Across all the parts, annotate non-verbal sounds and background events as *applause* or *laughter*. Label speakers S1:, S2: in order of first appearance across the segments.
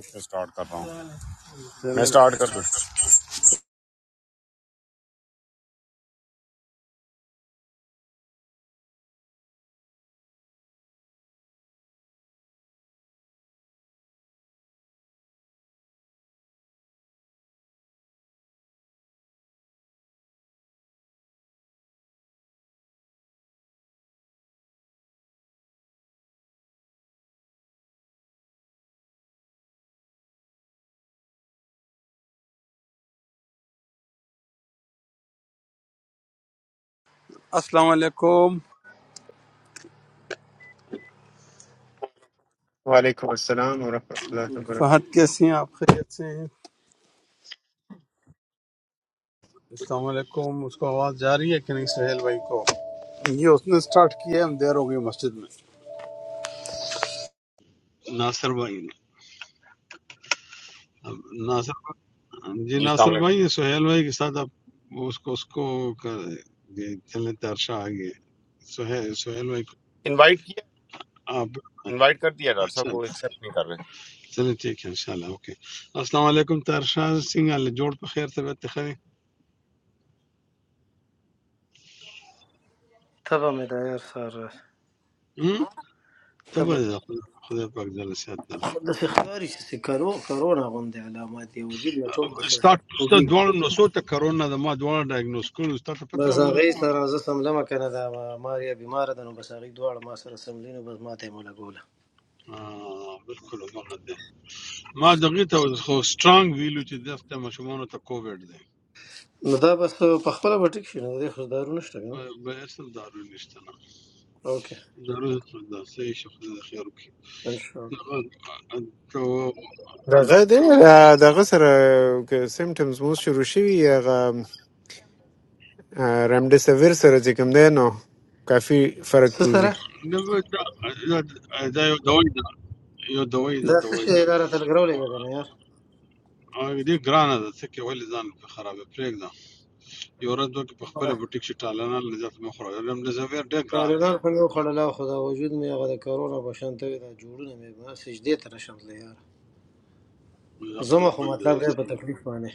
S1: मैं स्टार्ट कर रहा हूँ मैं स्टार्ट कर दूँ
S2: السلام علیکم
S3: Waalaikum assalam warahmatullah wabarakatuh.
S2: Fahad کیسے ہیں آپ خیریت سے ہیں السلام علیکم اس کو آواز جا رہی ہے کہ نہیں سہیل بھائی کو یہ اس نے سٹارٹ کیا ہے ہم دیر ہو گئی مسجد میں ناصر بھائی نے اب ناصر بھائی- جی
S1: जी
S2: ناصر
S1: सलाम
S2: بھائی یہ سہیل بھائی کے ساتھ آپ اس کو اس کو کر- یہ چلیں ترشا آگے سہیل سہیل بھائی کو
S1: इनवाइट किया
S2: آپ
S1: इनवाइट कर दिया डॉक्टर साहब
S2: اچھا
S1: वो एक्सेप्ट नहीं कर रहे
S2: چلیں ٹھیک ہے انشاءاللہ اوکے السلام علیکم ترشا سنگھ اللہ جوڑ پہ خیر طبیعت خیر
S4: تبه مې د عیار سر راشه
S2: ہم؟ تو
S4: تبه
S2: بس خدا خدا پاک جل سے
S4: داسې ښکاري چې کرو کرونا غوندې علامات دی وجود یې ټول داسې
S2: ستا ستا
S4: خوږي
S2: دواړه نسو ته کرونا د ما دواړه ډایګنوز کړو ستا ته پته
S4: بس
S2: راوړل
S4: هغه یې
S2: ته
S4: سره زه سملمه که نه دا ماریا بیماره ده نو بس هغې دواړه ما سره سملي نو بس ماته یې مو لګوله
S2: بالکل هغه ده ما دغه ته خو سترانګ ویلو چې دغه مشمون ته کووډ ده
S4: نو دا بس په خپله به ټیک شي نو د دې خو دارو نشته که نه
S2: ب- به اصل دارو نشته نه
S4: اوکې
S2: دارو دا سه شخص د خیر وکي
S4: انشاءالله
S2: ته
S3: Daghast hai? Daghast hai. Symptoms mostly roshiyi ya ramde se virse. Jis kunde no kafi fark
S4: څه سره
S3: pruzi.
S2: Know the the you دوی ده یو دوی ده
S4: دا څه
S2: دوی
S4: شی
S2: ده
S4: دی دا راته لګرولې ده که نه یار
S2: هغه دې ګرانه ده څه کې ولې ځان په خرابې پرېږده یو ورځ دوی په خپل بوټیک شټالنه لږه مخوره لم د زویر ډېر ګران دی
S4: سالنار خو مې وخوړله خو دا وجود مې هغه د کرونا په شان ته وي، دا جوړونه مې ما سجدې ته نه شم تللی یار
S2: نقل
S4: زما خو
S2: حق
S4: مطلب دی
S2: دارست
S4: په تکلیف باندې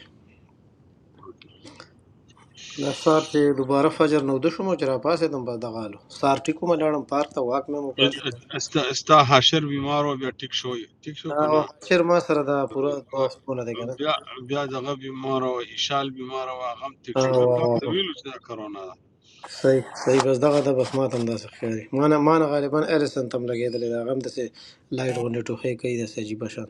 S4: دا سهار چې دوباره فجر نو د شوم چې راپاسېدم په دغه حالو سهار ټیکو مې لاړم پارک ته واک مې مو کړ
S2: یه- استا استا حشر بیمار و بیا ټیک شو ټیک شو
S4: او
S2: کنه
S4: شر ما سره دا پوره دوه هفتونه دی کنه
S2: بیا بیا دغه بیمار او ایشال بیمار او هغه هم ټیک شو
S4: آه،
S2: مې
S4: واه،
S2: پلان ته
S4: واه.
S2: ویلو چې دا کرونا ده
S4: صحیح صحیح بس دغه ده بس ما ته هم داسې ښکاري ما نه ما نه غالبا اریسن ته هم لګېدلی دا غم داسې لایټ غوندې ټوخی کوي داسې عجیبه شان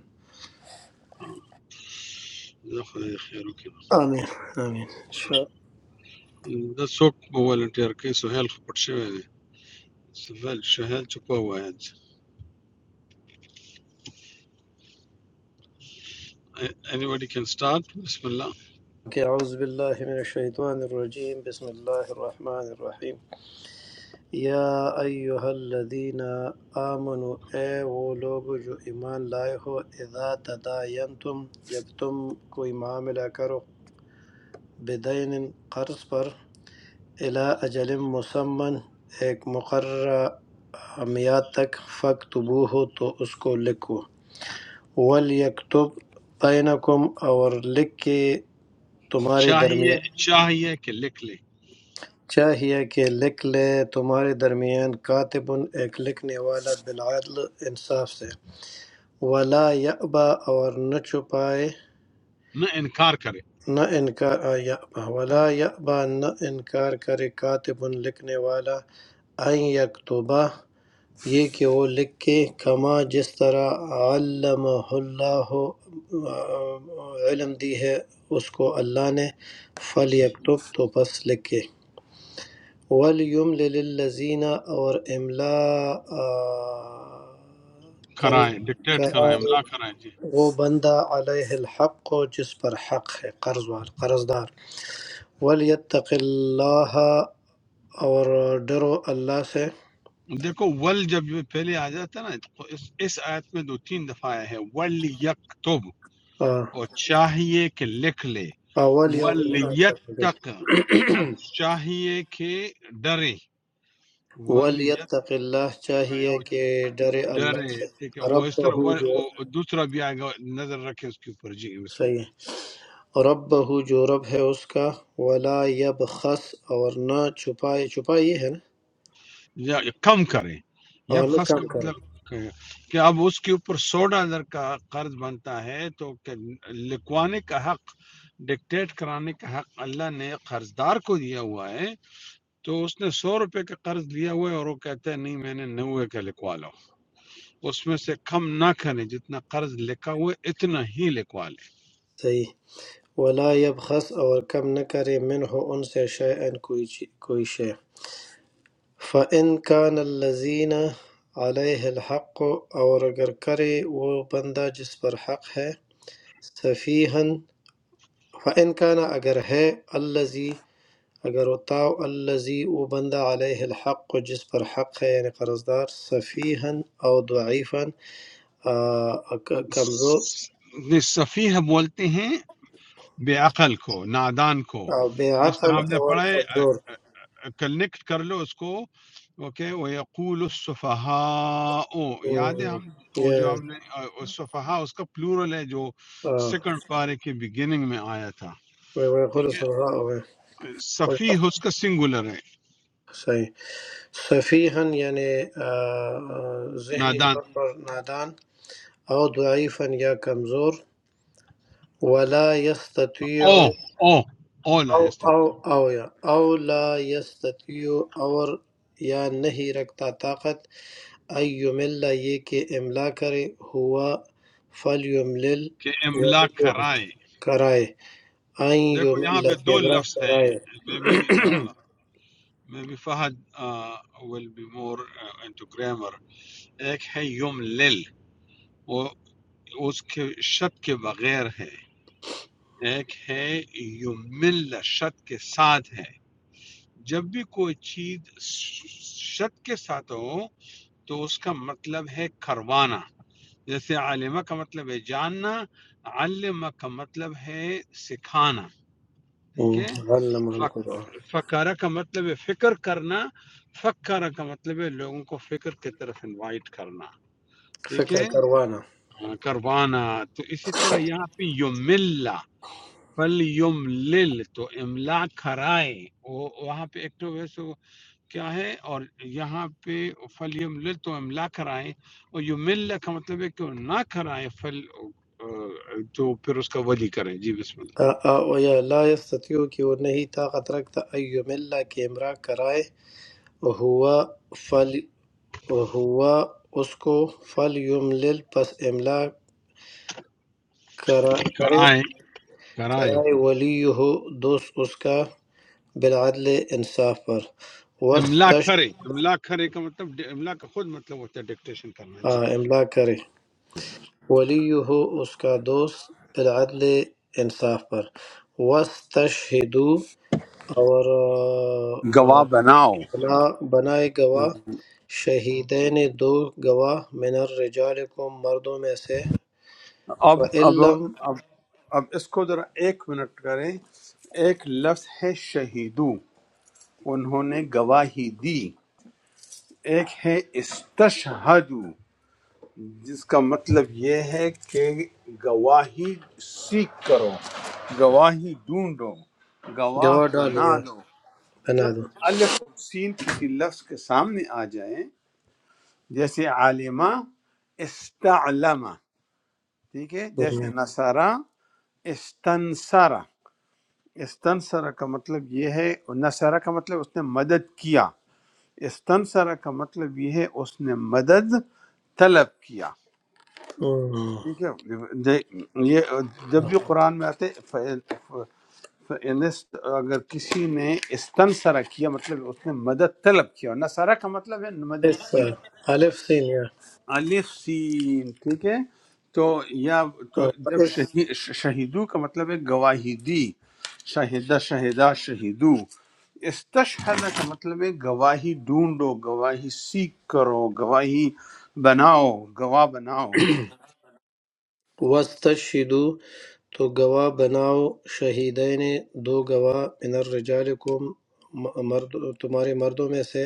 S2: زه خدای خیر وکړي
S4: آمین آمین ان شاء الله.
S2: دا څوک به ولنټیر کوي سهیل خو پټ شوی دی سهیل سهیل چکو واحد anybody can start بسم الله
S4: اوکې، اعوذ بالله من الشیطان الرجیم بسم الله الرحمن الرحیم یا ایہا الذین آمنو اے وہ لوگ جو ایمان لائے ہو اذا تداینتم جب تم کوئی معاملہ کرو بدین قرض پر الا اجل مسمن ایک مقررہ میاد تک فکتبو ہو تو اس کو لکھو ولیکتب بینکم اور لکھ کے تمہارے
S2: चाहिए
S4: درمیان
S2: चाहिए कि लिख ले
S4: چاہیے کہ لکھ لے تمہارے درمیان کاتب ایک لکھنے والا بالعدل انصاف سے وَلَا يَأْبَى اور نہ چھپائے
S2: न इनकार करे
S4: نہ انکار آ یأبا وَلَا يَأْبَى نہ انکار کرے کاتب لکھنے والا ان یکتبہ یہ کہ وہ لکھے کما جس طرح علمہ اللہ علم دی ہے اس کو اللہ نے فل یکتب تو پس لکھے ولیم للذین اور املا آ، کرے
S2: कराएं डिक्टेट कराएं
S4: قرار
S2: हमला कराएं
S4: وہ بندہ علیہ الحق ہو جس پر حق ہے قرض وال قرض دار ولیتق اللہ اور ڈرو اللہ سے
S2: دیکھو ول جب یہ پہلے آ جاتا ہے نا تو اس اس آیت میں دو تین دفعہ آیا ہے ول یکتب
S4: آہ،
S2: اور چاہیے کہ لکھ لے
S4: اول یوم
S2: ول
S4: الآخر پہ۔
S2: یتق اور چاہیے کہ ڈرے ول
S4: ولیتق اللہ چاہیے کہ ڈرے اللہ
S2: ڈرے
S4: سے
S2: ٹھیک ہے وہ
S4: رب
S2: اس طرح وہ
S4: جو
S2: وہ دوسرا بھی آئے گا نظر رکھے اس کے اوپر جی بسم
S4: صحیح ہے رب جو رب ہے اس کا ولا یبخس اور نہ چھپائے چھپائے یہ ہے نا
S2: یا یا کم کریں یا
S4: اور نہ
S2: خس کا
S4: کم کرے
S2: مطلب کہ کہ اب اس کے اوپر سو ڈالر کا قرض بنتا ہے تو کہ لکوانے کا حق ڈکٹیٹ کرانے کا حق اللہ نے قرض دار کو دیا ہوا ہے تو اس نے سو روپے کا قرض لیا ہوا ہے اور وہ کہتا ہے نہیں میں نے نوے کا لکھوا لو اس میں سے کم نہ کریں جتنا قرض لکھا ہوا ہے اتنا ہی لکھوا لیں
S4: صحیح ولا يبغس اوالكم نكر منهو انسى شائعاً کوئی شيء فإن كان اللذين عليه الحق و او اگر کروا و بند جس برحق ہے صفیهن فإن كان اگر هي اللذي اگر تاو اللذي و بند عليه الحق و جس برحق ہے يعني قرصدار صفیهن او ضعيفاً
S2: نہیں، سفیہ بولتے ہیں بے عقل کو نادان کو
S4: او
S2: جس طرح
S4: بعقل
S2: ہم نے پڑھا ہے
S4: اوالكتور
S2: کنیکٹ کر لو اس کو اوکے وَيَقُولُ السُّفَهَاءُ یاد ہے ہم وہ جو ہم نے السفہاء اس کا پلورل ہے جو سیکنڈ پارے کے بگننگ میں آیا تھا
S4: میں خود
S2: ٹھیک ہے
S4: سمجھا ہوئے
S2: سفیح اس کا سنگولر ہے
S4: صحیح صفیحن یعنی آ، آ، ذہنی
S2: نادان
S4: طور پر نادان او ضعیفن یا کمزور ولا یستطیع
S2: او
S4: او
S2: او او لا
S4: او
S2: یستطیع
S4: او یا او لا یستطیع اور یا نہیں رکھتا طاقت ایم اللہ یہ کہ املا کرے ہوا فل یملل
S2: کہ املا کرائے
S4: کرائے این
S2: دیکھو یہاں
S4: یملہ
S2: پہ
S4: کہ
S2: دو
S4: امرا
S2: لفظ ہیں
S4: کرائے
S2: میں بھی میں بھی Fahad will be more into grammar ایک ہے یوم لل وہ اس کے شت کے بغیر ہے ایک ہے یمل شت کے ساتھ ہے جب بھی کوئی چیز شت کے ساتھ ہو تو اس کا مطلب ہے کروانا جیسے عالمہ کا مطلب ہے جاننا علمہ کا مطلب ہے سکھانا ٹھیک ہے
S4: غلمان کو
S2: فک- فکارہ کا مطلب ہے فکر کرنا فکارہ کا مطلب ہے لوگوں کو فکر کی طرف انوائٹ کرنا ٹھیک
S4: فکر
S2: ہے
S4: کروانا
S2: ہاں، کروانا تو اسی طرح یہاں پہ یملہ فل یم لل تو املا کھرائے وہ وہاں پہ ایکٹو ویس کیا ہے اور یہاں پہ فل یم لل تو املا کھرائے اور یو مل کا مطلب ہے کہ وہ نہ کھرائے فل آ، تو پھر اس کا ولی کریں جی بسم اللہ
S4: لا یستطیع کہ وہ نہیں طاقت رکھتا ایوم اللہ کہ امرا کرائے ہوا فل ہوا اس کو فل یملل پس املا کرا- کرے
S2: کرائیں کرائیں
S4: کرائے ولی ہو دوست اس کا بالعدل انصاف پر
S2: املا
S4: وسطش
S2: کرے املا کرے کا مطلب ڈ- املا کا خود مطلب ہوتا ہے ڈکٹیشن کرنا جی
S4: املا کرے ولی ہو اس کا دوست بالعدل انصاف پر وسطشہدو اور
S2: گواہ بناؤ
S4: بنا بنائے گواہ شہیدین دو گواہ من الرجالکم مردوں میں سے
S2: اب اب
S4: فعلم
S2: اب اب اس کو ذرا ایک منٹ کریں ایک لفظ ہے شہیدو انہوں نے گواہی دی ایک ہے استشہد جس کا مطلب یہ ہے کہ گواہی سیکھ کرو گواہی ڈھونڈو گواہ
S4: گواہ ڈالو
S2: بنا
S4: یا
S2: دو
S4: بنا
S2: جب
S4: دو
S2: بھی الف اور سین کسی لفظ کے سامنے آ جائیں جیسے عالمہ استعلمہ ٹھیک ہے جیسے
S4: ہوں،
S2: نصارہ استنصرہ استنصرہ کا مطلب یہ ہے نصارہ کا مطلب اس نے مدد کیا استنصرہ کا مطلب یہ ہے اس نے مدد طلب کیا
S4: ہوں۔
S2: ٹھیک ہے دے- یہ جب بھی قرآن میں آتے فنسٹ اگر کسی نے استنصرہ کیا مطلب اس نے مدد طلب کیا نصرہ کا مطلب ہے مدد
S4: اس
S2: کی
S4: الف سین یا
S2: الف سین ٹھیک ہے تو یا تو
S4: ہاں،
S2: جب
S4: اس
S2: شہید شہیدو کا مطلب ہے گواہی دی شاہدہ شہدہ شہیدو استشہد کا مطلب ہے گواہی ڈھونڈو گواہی سیکھ کرو گواہی بناؤ گواہ بناؤ
S4: وستشہدو تو گواہ بناؤ شہیدین دو گواہ من الرجالکم م- مرد تمہارے مردوں میں سے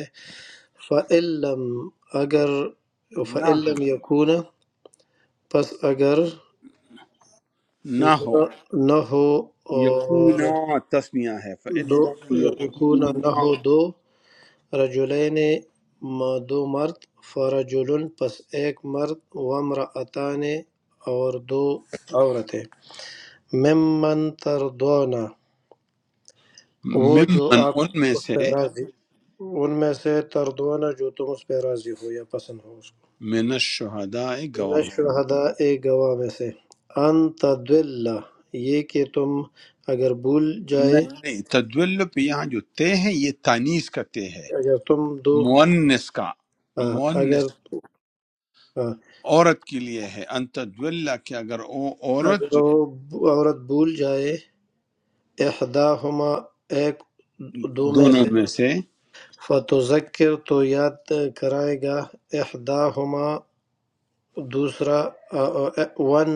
S4: فعلم اگر
S2: نہ ہو
S4: فعلم یکون پس اگر
S2: نہ ہو
S4: نہ نہ ہو اور
S2: یقونا تسمیہ ہے فَإِن
S4: دو
S2: لَمْ
S4: یکون نہ ہو
S2: يَكُونَا
S4: دو رجلین م- دو مرد فرجل پس ایک مرد وامرأتان اور دو عورتیں ممن تردونا وہ جو
S2: ممن
S4: آپ
S2: ان میں
S4: اس
S2: سے
S4: پہ راضی ان میں سے تردونا جو تم اس پہ راضی ہو یا پسند ہو اس
S2: من الشہداء
S4: کو من
S2: گواہ
S4: الشہداء ایک گواہ میں سے ان تدل یہ کہ تم اگر بھول
S2: نہیں
S4: جائے
S2: نہیں تدول پہ یہاں جو تے ہے یہ تانیس کا تے ہے
S4: اگر تم دو
S2: مونس کا
S4: آ،
S2: مونس
S4: اگر آ،
S2: عورت کے لیے ہے ان تدول کہ اگر او عورت
S4: اگر
S2: جو
S4: وہ عورت بھول جائے احداہما ایک دو میں
S2: دونوں
S4: سے
S2: میں سے
S4: فتذکر تو یاد کرائے گا احداہما دوسرا آ، آ، ون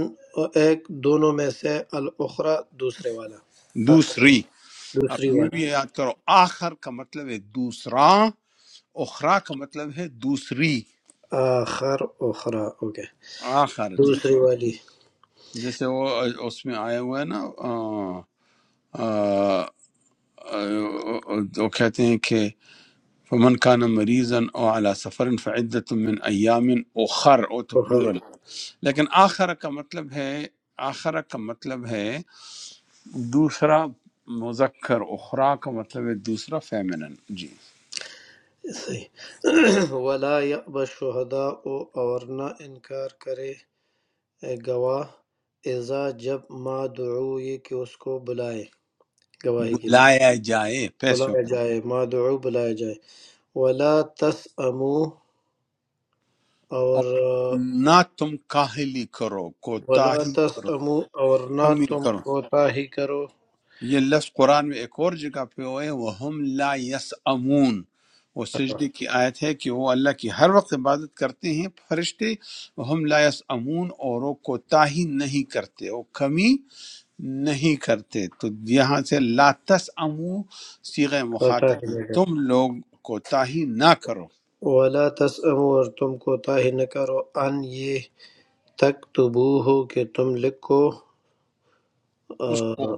S4: ایک دونوں میں سے الاخری دوسرے والا آخر والا
S2: دوسری اب
S4: دوسری
S2: یہ بھی
S4: والی
S2: یاد کرو آخر کا مطلب ہے دوسرا اخرا کا مطلب ہے دوسری
S4: آخر اخرى اوکے
S2: آخر ٹھیک ہے
S4: دوسری والی
S2: جیسے وہ اس میں آیا ہوا ہے نا آ، آ، آ، وہ کہتے ہیں کہ فمن کان مریضن او علی سفر فعدت من ایام اخر او تو
S4: اخر
S2: پلورل لیکن آخر کا مطلب ہے آخر کا مطلب ہے دوسرا مذکر اخرا کا مطلب ہے دوسرا فیمنن جی
S4: صحیح *clears throat* ولا يأبى الشهداء اور نہ انکار کرے گواہ اذا جب مادعو یہ کہ اس کو بلائے گواہی کے لیے
S2: بلایا جائے پیسوں
S4: بلایا
S2: میں
S4: جائے مادعو بلایا جائے ولا تسامو
S2: اور
S4: اور آ،
S2: نہ تم کاہلی کرو
S4: ولا
S2: کوتاہی کرو
S4: تسامو اور نہ
S2: کمی
S4: تم
S2: کرو
S4: کوتاہی کرو
S2: یہ لفظ قرآن میں ایک اور جگہ پہ ہوئے وَهُمْ لَا يَسْأَمُونَ وہ سجدے کی آیت ہے کہ وہ اللہ کی ہر وقت عبادت کرتے ہیں فرشتے وَهُمْ لَا يَسْأَمُونَ اور وہ کوتاہی نہیں کرتے وہ کمی نہیں کرتے تو یہاں سے لا تسأمو صیغہ
S4: کوتاہی
S2: مخاطب ہے
S4: نہ
S2: تم لوگ کوتاہی نہ کرو
S4: کرو ولا تسامو اور تم کوتاہی نہ کرو ان یہ تک تبو ہو کہ تم لکھو آ،
S2: اس کو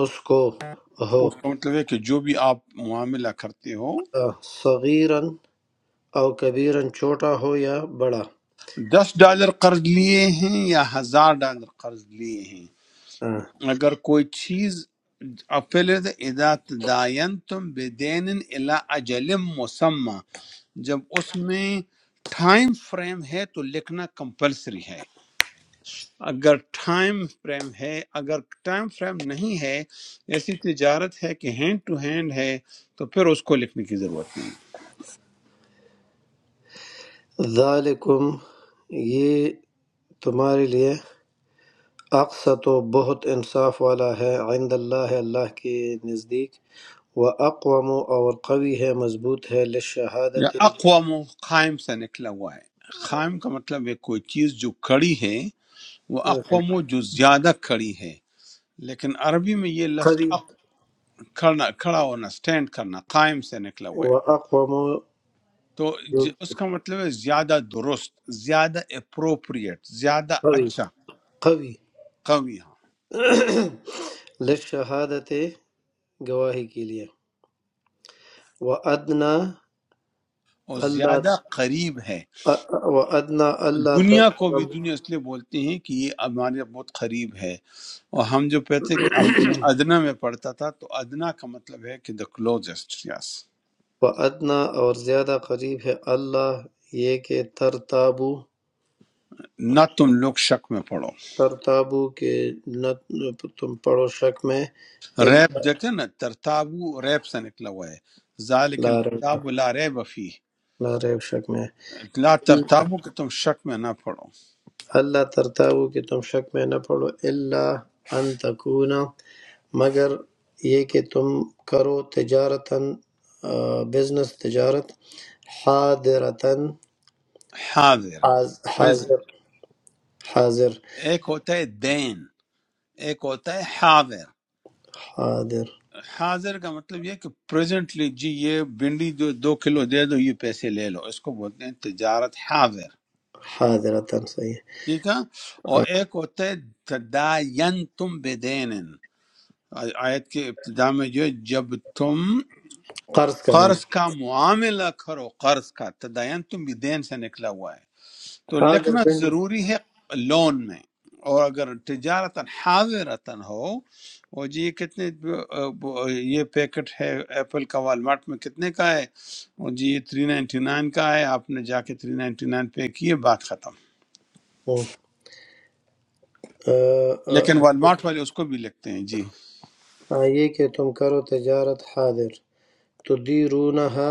S4: اس کو ہو
S2: اس کا مطلب ہے کہ جو بھی آپ معاملہ کرتے ہو
S4: صغیرن او کبیرن چھوٹا ہو یا بڑا
S2: دس ڈالر قرض لیے ہیں یا ہزار ڈالر قرض لیے ہیں
S4: ہاں،
S2: اگر کوئی چیز اب پہلے سے اذا تداینتم بدین الی اجل مسمى جب اس میں ٹائم فریم ہے تو لکھنا کمپلسری ہے اگر ٹائم فریم ہے اگر ٹائم فریم نہیں ہے ایسی تجارت ہے کہ ہینڈ ٹو ہینڈ ہے تو پھر اس کو لکھنے کی ضرورت نہیں ہے۔
S4: ذالکم یہ تمہارے لیے اقسط و بہت انصاف والا ہے عند اللہ اللہ کے نزدیک و اقوام اور قوی ہے مضبوط ہے
S2: یا
S4: لشہادت
S2: اقوام قائم سے نکلا ہوا ہے قائم کا مطلب ہے کوئی چیز جو کھڑی ہے وہ اقوام جو زیادہ کھڑی ہے لیکن عربی میں یہ
S4: قوی
S2: لفظ کھڑا کھڑا ہونا سٹینڈ کرنا قائم سے نکلا ہوا
S4: و
S2: ہے
S4: اقوام
S2: تو
S4: جو
S2: ج- اس کا مطلب ہے زیادہ درست زیادہ اپروپریٹ زیادہ
S4: قوی
S2: اچھا
S4: قوی
S2: قوی ہاں
S4: *clears throat* لشہادت گواہی کے لیے و ادنا
S2: اور زیادہ
S4: اللہ
S2: قریب ہے
S4: و ادنا اللہ
S2: دنیا کو بھی
S4: ترتاب-
S2: دنیا اس لیے بولتے ہیں کہ یہ ہمارے بہت قریب ہے اور ہم جو کہتے ہیں کہ اب میں ادنا میں پڑھتا تھا تو ادنا کا مطلب ہے کہ دا کلوزسٹ یس
S4: و ادنا اور زیادہ قریب ہے اللہ یہ کہ ترتابو
S2: نہ تم لوگ شک میں پڑھو
S4: ترتابو کہ نہ تم پڑو شک میں الا
S2: ریب دیکھتے ہیں نا ترتابو ریب سے نکلا ہوا ہے ذالک
S4: لا ریب
S2: الکتاب لا ریب فیہ
S4: لا ریب شک میں
S2: لا ترتابو کہ تم شک میں نہ پڑو
S4: اللہ ترتابو کہ تم شک میں نہ پڑو الا ان تکونا مگر یہ کہ تم کرو تجارتاً بزنس تجارت حاضرتاً
S2: حاضر
S4: حاض- حاضر
S2: پریزنٹ
S4: حاضر
S2: ایک ہوتا ہے دین ایک ہوتا ہے حاضر
S4: حاضر
S2: حاضر کا مطلب یہ کہ پریزنٹلی جی یہ بھنڈی جو دو کلو دے دو یہ پیسے لے لو اس کو بولتے ہیں تجارت حاضر
S4: حاضرتاً صحیح ہے۔
S2: ٹھیک ہے اور ایک ہوتا ہے تداین تم بدین آیت کے ابتدا میں جو ہے، جب تم
S4: قرض کا معنی
S2: قرض کا معاملہ کرو قرض کا تداین تم بدین سے نکلا ہوا ہے تو
S4: حاضر
S2: لکھنا ضروری ہے لون میں اور اگر تجارت حاضرتا ہو وہ جی یہ کتنے یہ پیکٹ ہے ایپل کا والمارٹ میں کتنے کا ہے وہ جی یہ تھری نائنٹی نائن کا ہے آپ نے جا کے تھری نائنٹی نائن پے کیے بات ختم
S4: بن
S2: لیکن والمارٹ والے اس کو بھی لکھتے ہیں جی
S4: آئیے کہ تم کرو تجارت حاضر تدیرونہا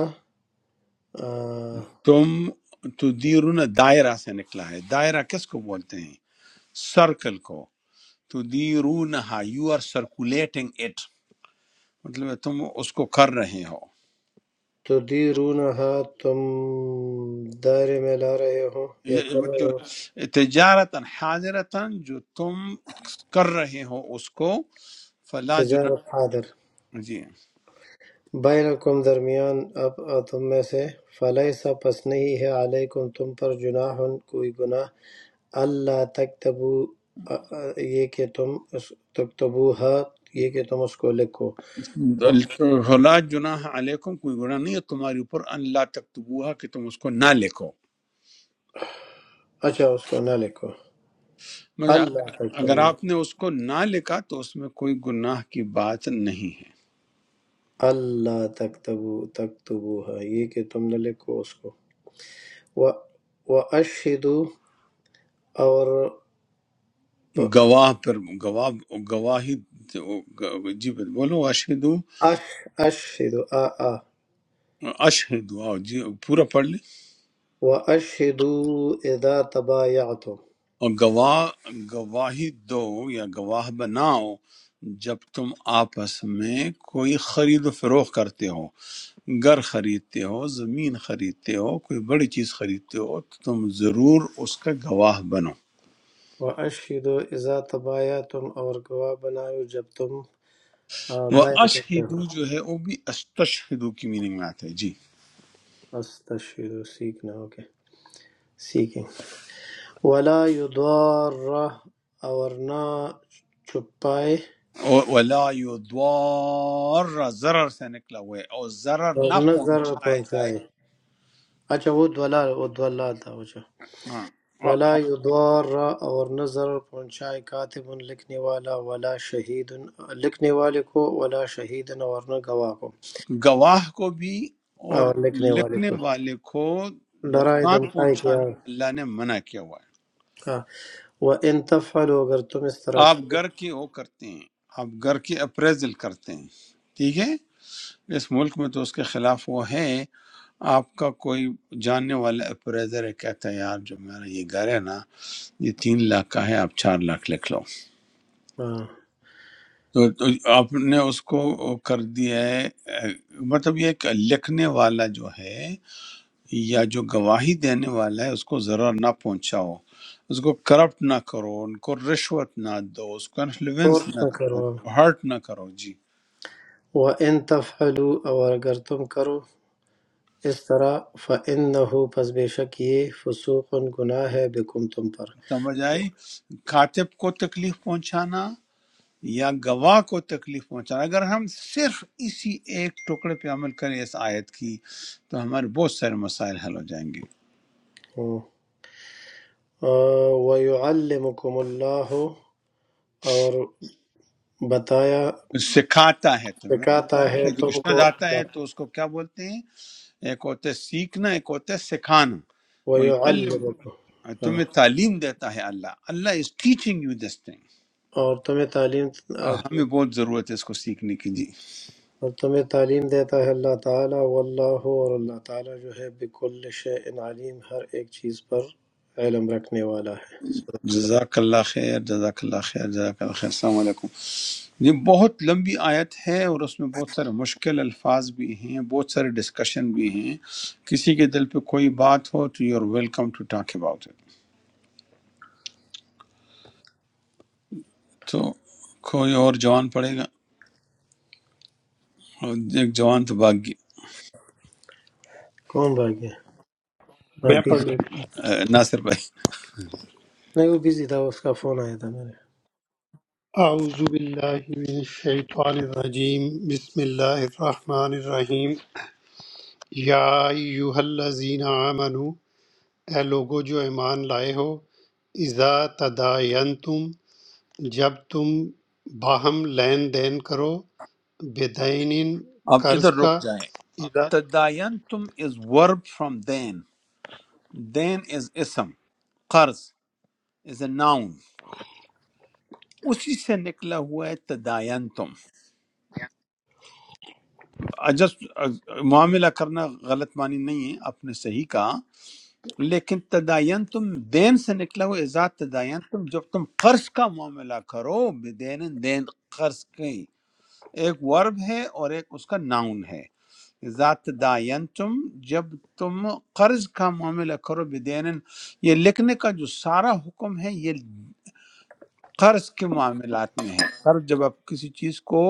S2: تم تدیرون دائرہ سے نکلا ہے دائرہ کس کو بولتے ہیں سرکل کو تدیرونہا یو آر سرکولیٹنگ اٹ مطلب ہے تم اس کو کر رہے ہو
S4: تدیرونہا تم دائرے میں لا رہے ہو یا
S2: یہ
S4: کر رہے
S2: مطلب
S4: ہو
S2: تجارتا حاضرتا جو تم کر رہے ہو اس کو فلا جناح
S4: تجارت حاضر
S2: جی
S4: بینکم درمیان اب تم میں سے فلیسا پس نہیں ہے علیکم تم پر جناح کوئی گناہ اللہ تکتبو آ، آ، یہ کہ تم اس- تکتبوہا یہ کہ تم اس کو لکھو
S2: فلا جناح علیکم کوئی گناہ نہیں ہے تمہارے اوپر اللہ تکتبوہا کہ تم اس کو نہ لکھو
S4: اچھا اس کو نہ لکھو
S2: مگر
S4: اللہ
S2: اگر اگر
S4: تکتبو
S2: آپ نے اس کو نہ لکھا تو اس میں کوئی گناہ کی بات نہیں
S4: اللہ تکتبو تکتبوہا یہ کہ تم نے لکھو اس کو و واشہدو اور
S2: ہے
S4: ب-
S2: گواہ پر گواہ گواہی جی بولو اشہدو
S4: اش اشہدو آ آ
S2: اشہدو آؤ جی پورا پڑھ لیں
S4: واشہدو اذا تبایعتم
S2: اور گواہ گواہی دو یا گواہ بناؤ جب تم آپس میں کوئی خرید و فروخت کرتے ہو گھر خریدتے ہو زمین خریدتے ہو کوئی بڑی چیز خریدتے ہو تو تم ضرور اس کا گواہ بنو
S4: واشہدو اذا تبایعتم اور گواہ بنائیو جب تم آ،
S2: وہ
S4: بیع کرتے ہو
S2: اشہدو جو ہے وہ بھی استشہدو کی میننگ میں آتا ہے جی
S4: استشہدو سیکھنا اوکے سیکھیں ولا یضار اور نہ چھپائے
S2: اور ولا یضار ضرر سے نکلا ہوا ہے اور ضرر
S4: اور
S2: نہ
S4: نہ ضرر
S2: پہنچایا جائے
S4: پہنچائے اچھا وہ دولا وہ دولا تھا اچھا
S2: ہاں
S4: وَلَا يُضَارَّ اور نہ ضرر پہنچائے کاتب لکھنے والا ولا شہید لکھنے والے کو ولا شہید اور نہ گواہ کو
S2: گواہ کو بھی اور
S4: اور لکھنے والے
S2: لکھنے
S4: کو
S2: والے کو
S4: ڈرائے
S2: نقصان
S4: دھمکائے کیا
S2: پہنچانا اللہ نے منع کیا ہوا ہے
S4: ہاں وَإِن تفعلوا اگر تم اس طرح
S2: آپ
S4: کرو
S2: گھر کی وہ کرتے ہیں آپ گھر کی اپریزل کرتے ہیں ٹھیک ہے اس ملک میں تو اس کے خلاف وہ ہے آپ کا کوئی جاننے والا اپریزر ہے کہتا ہے یار جو میرا یہ گھر ہے نا یہ تین لاکھ کا ہے آپ چار لاکھ لکھ لو
S4: ہاں
S2: تو تو آپ نے اس کو کر دیا ہے اے، مطلب یہ ہے کہ لکھنے والا جو ہے یا جو گواہی دینے والا ہے اس کو ضرر نہ پہنچاؤ اس کو کرپٹ نہ کرو ان کو رشوت نہ دو اس کو انفلوئنس
S4: فورس
S2: نہ
S4: نہ
S2: کرو
S4: کرو
S2: ہرٹ نہ کرو جی
S4: وَإِن تفعلوا اور اگر تم کرو اس طرح فَإِنَّهُ پس بے شک یہ فسوق گناہ ہے بکم تم پر
S2: سمجھ آئی کاتب کو تکلیف پہنچانا یا گواہ کو تکلیف پہنچانا اگر ہم صرف اسی ایک ٹکڑے پہ عمل کریں اس آیت کی تو ہمارے بہت سارے مسائل حل ہو جائیں گے
S4: ہاں، آ، وَيُعَلِّمُكُمُ اللَّهُ اور بتایا
S2: سکھاتا ہے تو میں نے
S4: سکھاتا
S2: بتایا نا
S4: ہے
S2: کہ جو
S4: تم کو
S2: ارشاد آتا
S4: اللہ
S2: ہے تو اس کو کیا بولتے ہیں ایک ہوتا ہے سیکھنا ایک ہوتا ہے سکھانا
S4: وَيُعَلِّمُكُمْ ہاں۔
S2: تمہیں تعلیم دیتا ہے Allah Allah is teaching you this thing
S4: اور تمہیں تعلیم
S2: ہمیں بہت ضرورت ہے اس کو سیکھنے کی جی
S4: اور تمہیں تعلیم دیتا ہے اللہ تعالیٰ واللہ اور اللہ تعالیٰ جو ہے بكل شيء علیم ہر ایک چیز پر علم رکھنے والا ہے صدق اللہ
S2: جزاک اللہ خیر جزاک اللہ خیر جزاک اللہ خیر السلام علیکم یہ بہت لمبی آیت ہے اور اس میں بہت سارے مشکل الفاظ بھی ہیں بہت سارے ڈسکشن بھی ہیں کسی کے دل پہ کوئی بات ہو تو you are welcome to talk about it تو کوئی اور جوان پڑے گا اور ایک جوان تو بھاگ
S4: کون بھاگ گیا ہاں
S5: میں پڑھ
S4: پیچھے
S2: گیا
S5: لیتا ہوں
S2: ناصر بھائی
S4: نہیں وہ بزی تھا اس کا فون آیا تھا میرے
S5: اعوذ باللہ من الشیطان الرجیم بسم اللہ الرحمن الرحیم یا ایوہ الذین آمنو اے لوگو جو ایمان لائے ہو اذا تداینتم جب تم باہم لین دین کرو بدین
S2: آپ
S5: قرض
S2: ادھر
S5: کا
S2: رک جائیں
S5: الا
S2: تداین تم از ورب فرام دین دین از اسم قرض از اے ناؤن اسی سے نکلا ہوا ہے تداین تم جسٹ معاملہ کرنا غلط معنی نہیں ہے آپ نے صحیح کہا لیکن تداین تم دین سے نکلا ہوا ازاد تداین تم جب تم قرض کا معاملہ کرو بدین دین قرض کی ایک ورب ہے اور ایک اس کا ناؤن ہے ذات داین تم جب تم قرض کا معاملہ کرو بدین یہ لکھنے کا جو سارا حکم ہے یہ قرض کے معاملات میں ہے قرض جب آپ کسی چیز کو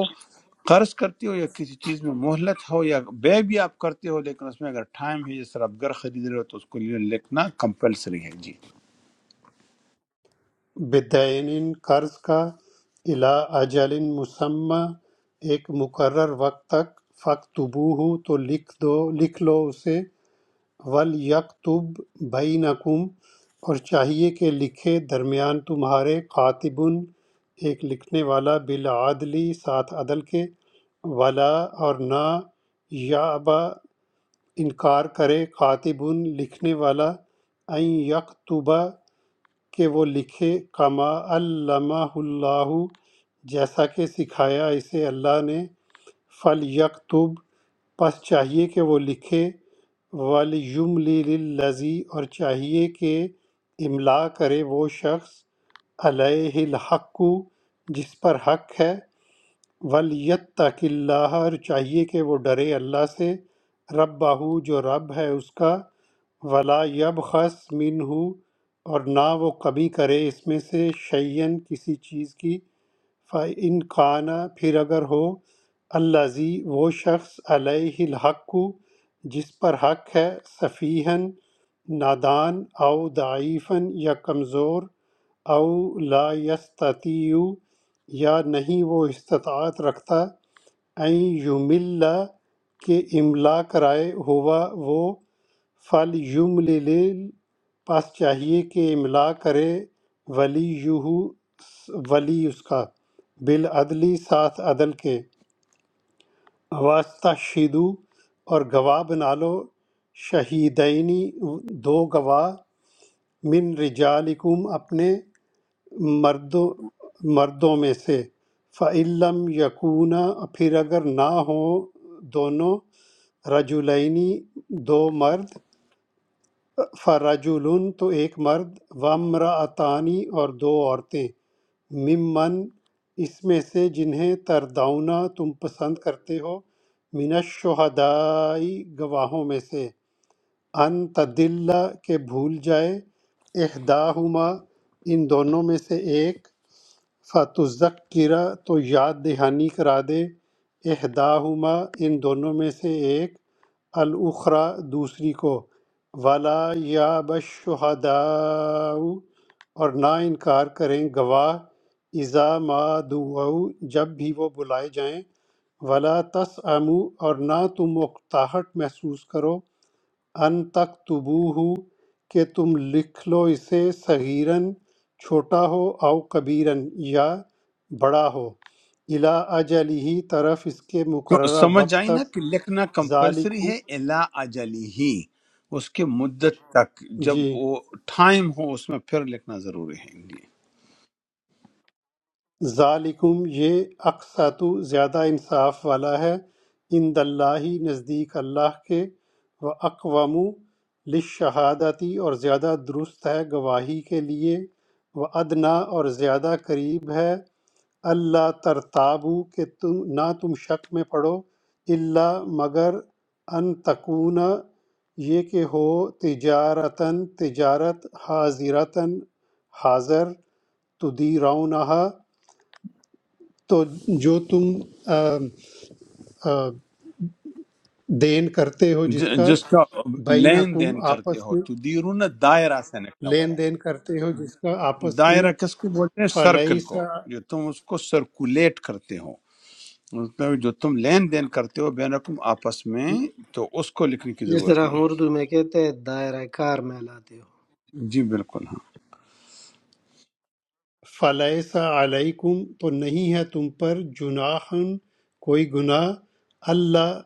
S2: قرض کرتے ہو یا کسی چیز میں مہلت ہو یا بے بھی آپ کرتے ہو لیکن اس میں اگر ٹائم ہے جس طرح آپ گھر خرید رہے ہو تو اس کو لیے لکھنا کمپلسری ہے جی
S5: بدین قرض کا الا اجل مسمى ایک مقرر وقت تک فقط تو لکھ دو لکھ لو اسے وَلْيَکْتُب بَیْنَکُم اور چاہیے کہ لکھے درمیان تمہارے قاتبٌ ایک لکھنے والا بالعدل ساتھ عدل کے ولا اور نہ یابا انکار کرے قاتبٌ لکھنے والا ان یکتبہ کہ وہ لکھے کما علمہ اللہ جیسا کہ سکھایا اسے اللہ نے فل پس چاہیے کہ وہ لکھے وَلْيُمْلِلِ الَّذِي اور چاہیے کہ املا کرے وہ شخص علیہ الحق جس پر حق ہے وَلْيَتَّقِ اللَّهَ اور چاہیے کہ وہ ڈرے اللہ سے رَبَّهُ جو رب ہے اس کا وَلَا يَبْخَسْ مِنْهُ اور نہ وہ کمی کرے اس میں سے شیئن کسی چیز کی فَإِنْ کَانَ پھر اگر ہو الَّذِي وہ شخص علیہ الحق جس پر حق ہے صفیحن نادان او ضعیفن یا کمزور او لا یستطیع یا نہیں وہ استطاعت رکھتا این یملا کہ املا کرائے ہوا وہ فل یملل پس چاہیے کہ املا کرے ولی یہو ولی اس کا بالعدلی ساتھ عدل کے واسطہ شیدو اور گواہ بنا لو شہیدینی دو گواہ من رجالکم اپنے مردوں مردوں میں سے فعلم یقون پھر اگر نہ ہوں دونوں رجولینی دو مرد فرجولن تو ایک مرد وامرأتانی اور دو عورتیں ممن اس میں سے جنہیں ترداؤنا تم پسند کرتے ہو من الشہدائی گواہوں میں سے ان تدلّ کہ بھول جائے احداہما ان دونوں میں سے ایک فتذکرہ تو یاد دہانی کرا دے احداہما ان دونوں میں سے ایک الاخری دوسری کو والا یا بشہدا اور نہ انکار کریں گواہ اذا ما دعو جب بھی وہ بلائے جائیں ولا تس اور نہ تم اکتاہٹ محسوس کرو ان تک تبو کہ تم لکھ لو اسے صغیرن چھوٹا ہو او کبیرن یا بڑا ہو الا اجلی طرف اس کے
S2: تو
S5: مقررہ
S2: سمجھ
S5: وقت
S2: آئی نا
S5: تک
S2: کہ لکھنا کمپلسری
S5: ذالکم
S2: ہے الا اجلی ہی اس کے مدت تک جب
S5: جی
S2: وہ ٹائم ہو اس میں پھر لکھنا ضروری ہے جی
S5: ذالکم یہ اقساط زیادہ انصاف والا ہے عند اللہ نزدیک اللہ کے و اقوام لشہادتی اور زیادہ درست ہے گواہی کے لیے و ادنا اور زیادہ قریب ہے اللہ ترتابو کہ تم نہ تم شک میں پڑو اللہ مگر ان تکون یہ کہ ہو تجارتاً تجارت حاضرتاً حاضر تدیرونہا تو جو تم آ، آ، دین کرتے ہو جس
S2: ج-
S5: کا
S2: جس کا لین
S5: بینکم
S2: دین کرتے
S5: آپس
S2: ہو
S5: میں
S2: تو دیرون دائرہ سے نکلا ہوا ہے
S5: لین دین کرتے ہو جس کا آپس میں
S2: دائرہ کس کو بولتے ہیں سرکل کو
S5: فلیسا
S2: جو تم اس کو سرکولیٹ کرتے ہو مطلب جو تم لین دین کرتے ہو بینکم آپس میں تو اس کو لکھنے کی
S4: جس
S2: ضرورت
S4: طرح
S2: نہیں
S4: ہم اردو میں کہتے ہیں دائرہ کار میں لاتے ہو
S2: ہے جی بالکل ہاں
S5: فَلَيْسَ عَلَيْكُمْ تو نہیں ہے تم پر جناح کوئی گناہ اللہ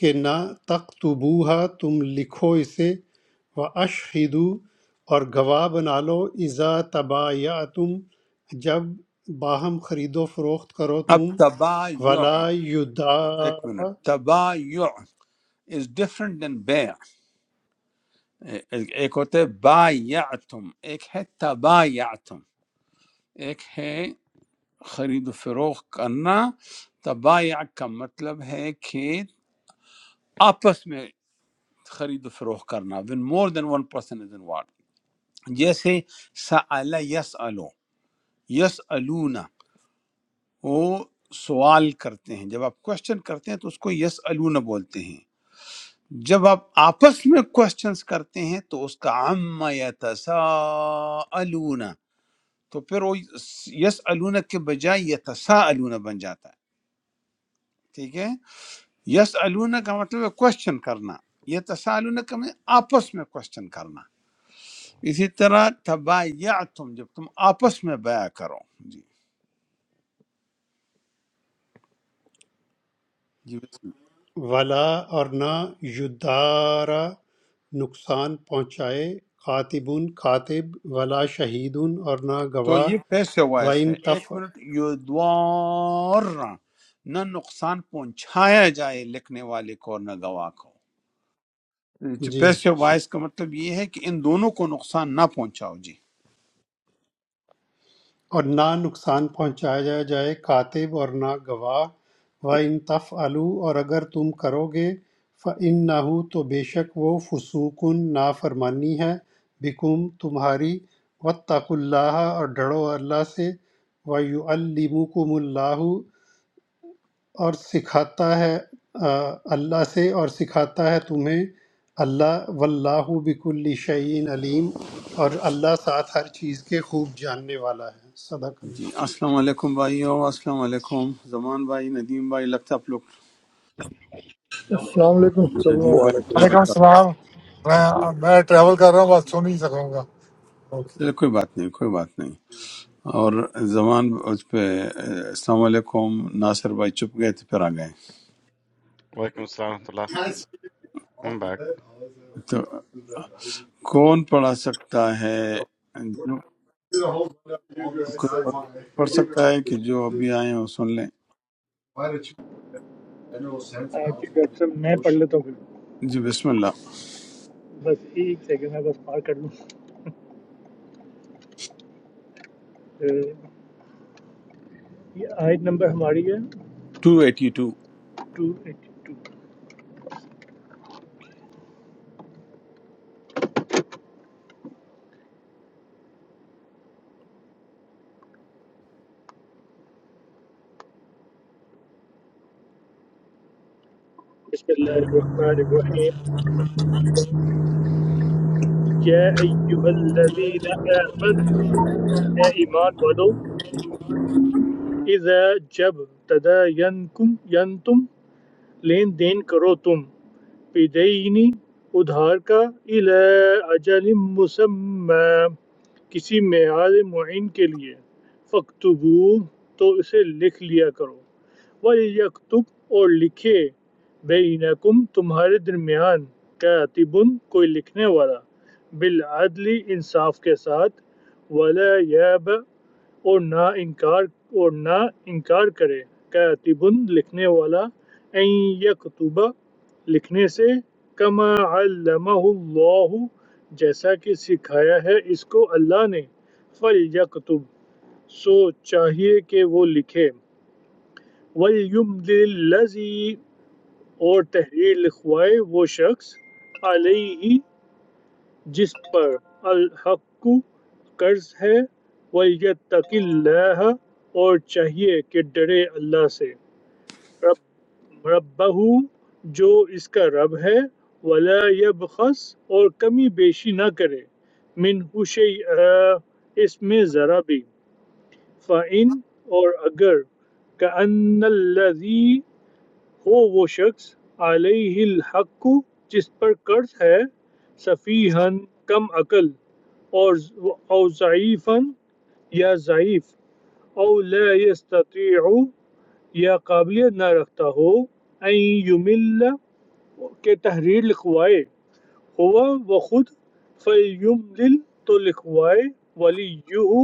S5: کہ نہ تختبوہا تم لکھو اسے وَأَشْهِدُوا اور گواہ بنا لو اذا تبایعتم جب باہم خرید و فروخت کرو
S2: اب
S5: تم
S2: تبایع
S5: ولا
S2: ایک
S5: یدارا
S2: منٹ تبایع از ڈفرنٹ دین بیع ایک ہوتا ہے بایعتم ایک ہے تبایعتم ایک ہے خرید و فروخت کرنا تبایع کا مطلب ہے کہ آپس میں خرید و فروخت کرنا when more than one person is involved جیسے سأل یسألو یسألون وہ سوال کرتے ہیں جب آپ کوشچن کرتے ہیں تو اس کو یسألون بولتے ہیں جب آپ آپس میں کوشچنز کرتے ہیں تو اس کا عم یتساءلون تو پھر وہ یسألون کے بجائے یتساءلون بن جاتا ہے ٹھیک ہے یسألون کا مطلب ہے کوشچن کرنا یتساءلون کا مطلب ہے آپس میں کوشچن کرنا اسی طرح تبایعتم جب تم آپس میں بیع کرو جی جی بسم اللہ۔
S5: ولا اور نہ یدارا نقصان پہنچائے کاتبن کاتب ولا شہیدن اور نہ
S2: تو
S5: گواہ
S2: یہ کیسے ہوا اس
S5: وَإِن
S2: ہے
S5: تف
S2: ایک منٹ یدوار نہ نقصان پہنچایا جائے لکھنے والے کو اور نہ گواہ کو جو
S5: جی
S2: پیسے وائز کا مطلب یہ ہے کہ ان دونوں کو نقصان نہ پہنچاؤ جی
S5: اور نہ نقصان پہنچایا جائے کاتب اور نہ گواہ وَإِن تفعلوا اور اگر تم کرو گے فَإِنَّهُ تو بے شک وہ فسوقن نافرمانی ہے بکم تمہاری وَاتَّقُوا اللَّهَ اور ڈرو اللہ سے وَيُعَلِّمُكُمُ اللَّهُ اور سکھاتا ہے آ، اللہ سے اور سکھاتا ہے تمہیں اللہ واللہ بکل شعین علیم اور اللہ ساتھ ہر چیز کے خوب جاننے والا ہے صدق
S2: جی
S5: اللہ
S2: السلام علیکم بھائی ہو السلام علیکم زمان بھائی ندیم بھائی لگتا ہے آپ لوگ
S6: السلام علیکم سب
S2: ندیم
S6: لوگ
S2: بھائی
S7: Quality.
S2: ٹریول
S8: Hello,
S2: کر
S8: sir. I'm I'm traveling. I can't talk.
S2: چلو کوئی بات نہیں کوئی بات نہیں اور زمان اس پہ السلام علیکم ناصر بھائی چپ گئے تھے پھر آ گئے
S1: वालेकुम सलाम हम बैक
S2: تو کون پڑھا سکتا ہے جو کوئی پڑھ پڑھ سکتا ہے کہ جو ابھی آئے ہیں وہ سن لیں
S9: آیت ڈاکٹر میں پڑھ لیتا ہوں پھر
S2: جی بسم اللہ
S9: بس ایک سیکنڈ میں بس پار کر لوں اے، یہ آیت نمبر ہماری ہے
S2: ٹو ایٹی ٹو
S9: 282 بسم اللہ الرحمن الرحیم یا ایہا الذین آمنوا اے ایمان والو اذا جب تداینکم ینتم لین دین کرو تم بدعینی ادھار کا الی اجل مسمی کسی معیار معین کے لیے فَاكْتُبُوهُ تو اسے لکھ لیا کرو وَلْيَكْتُبْ اور لکھے بینکم تمہارے درمیان کاتبن کوئی لکھنے والا بالعدل انصاف کے ساتھ ولا یاب اور نہ انکار اور نہ انکار کرے کاتبن لکھنے والا این یکتبہ لکھنے سے کما علمہ اللہ جیسا کہ سکھایا ہے اس کو اللہ نے فَلْيَكْتُبْ سو چاہیے کہ وہ لکھے وَلْيُمْلِلْ الَّذِي اور تحریر لکھوائے وہ شخص علیہ جس پر الحق قرض ہے وَلْيَتَّقِ اللَّهَ اور چاہیے کہ ڈرے اللہ سے رب ربہو جو اس کا رب ہے ولا یبخس اور کمی بیشی نہ کرے من شیء اس میں ذرا بھی فَإِن اور اگر کأن الذی ہو وہ شخص علیہ الحق جس پر قرض ہے صفیحن کم عقل اور اور ضعیفاً یا ضعیف او لا يستطيع یا قابلیت نہ رکھتا ہو ان یمل کے تحریر لکھوائے ہوا وہ خود فیملل تو لکھوائے ولی یو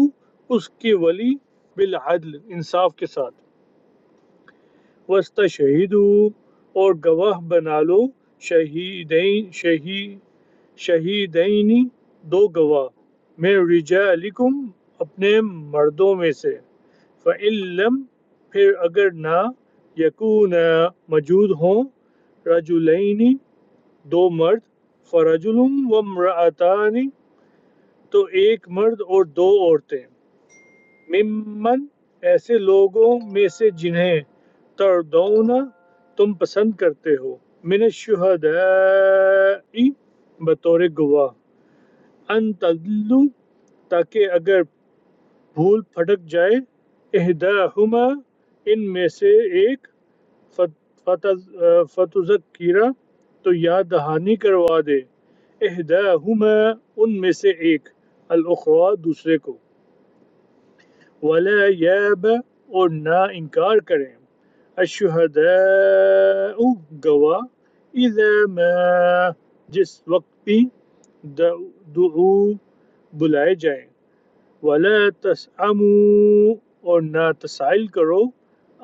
S9: اس کے ولی بالعدل انصاف کے ساتھ وسط شہید ہوں اور گواہ بنا لو شہیدین شہید شہیدینی دو گواہ میں رجالکم اپنے مردوں میں سے فعلم پھر اگر نہ یکون موجود ہوں رجلینی دو مرد فرجل و امرأتان تو ایک مرد اور دو عورتیں ممن ایسے لوگوں میں سے جنہیں تردون تم پسند کرتے ہو من الشہداء بطور گواہ ان تدلو تاکہ اگر بھول پھٹک جائے احداہما ان میں سے ایک فتذکیرہ تو یاد دہانی کروا دے احداہما ان میں سے ایک الاخری دوسرے کو ولا یب اور نہ انکار کریں الشہداء گواہ اذا ما جس وقت بھی دعو دعو بلائے جائیں ولا تسعموا اور نہ تسائل کرو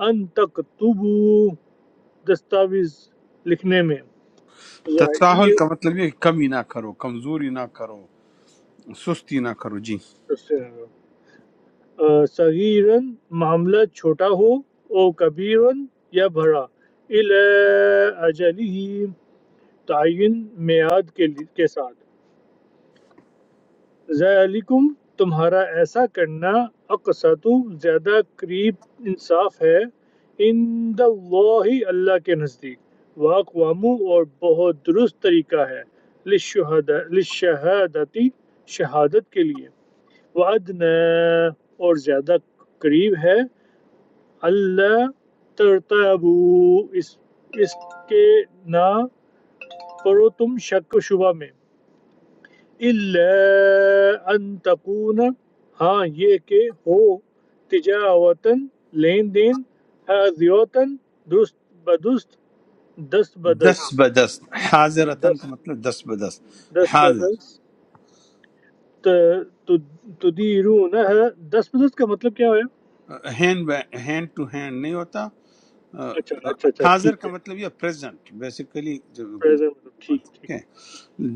S9: ان تکتبو دستاویز لکھنے میں
S2: تساہل کا
S9: ضعیف
S2: مطلب یہ ہے کہ کمی نہ کرو کمزوری نہ کرو سستی نہ کرو جی
S9: صغیراً معاملہ چھوٹا ہو او کبیراً یا بڑا الی اجلہ تعین میعاد کے لی- کے ساتھ ذالکم تمہارا ایسا کرنا اقسط زیادہ قریب انصاف ہے عند اللہ اللہ کے نزدیک واقوام اور بہت درست طریقہ ہے للشہداء- للشہادتی شہادت کے لیے وعدنا اور زیادہ قریب ہے اللہ ترتبو اس اس کے نہ پڑو تم شک و شبہ میں اللہ ان تکون ہاں یہ کہ ہو تجاوتن لین دین ازیوتن درست بدست دست بدست
S2: دس بدس حاضرتن کا
S9: دست
S2: مطلب دس بدس
S9: دست
S2: حاضر
S9: بدست ت- تد- تدیرون دست بدست کا مطلب کیا ہوا ہے
S2: ہینڈ ہینڈ ٹو ہینڈ نہیں ہوتا
S9: اچھا اچھا اچھا
S2: حاضر
S9: ٹھیک
S2: کا
S9: ہے
S2: مطلب یہ پریزنٹ بیسیکلی
S9: پریزنٹ ٹھیک ٹھیک
S2: ٹھیک ہے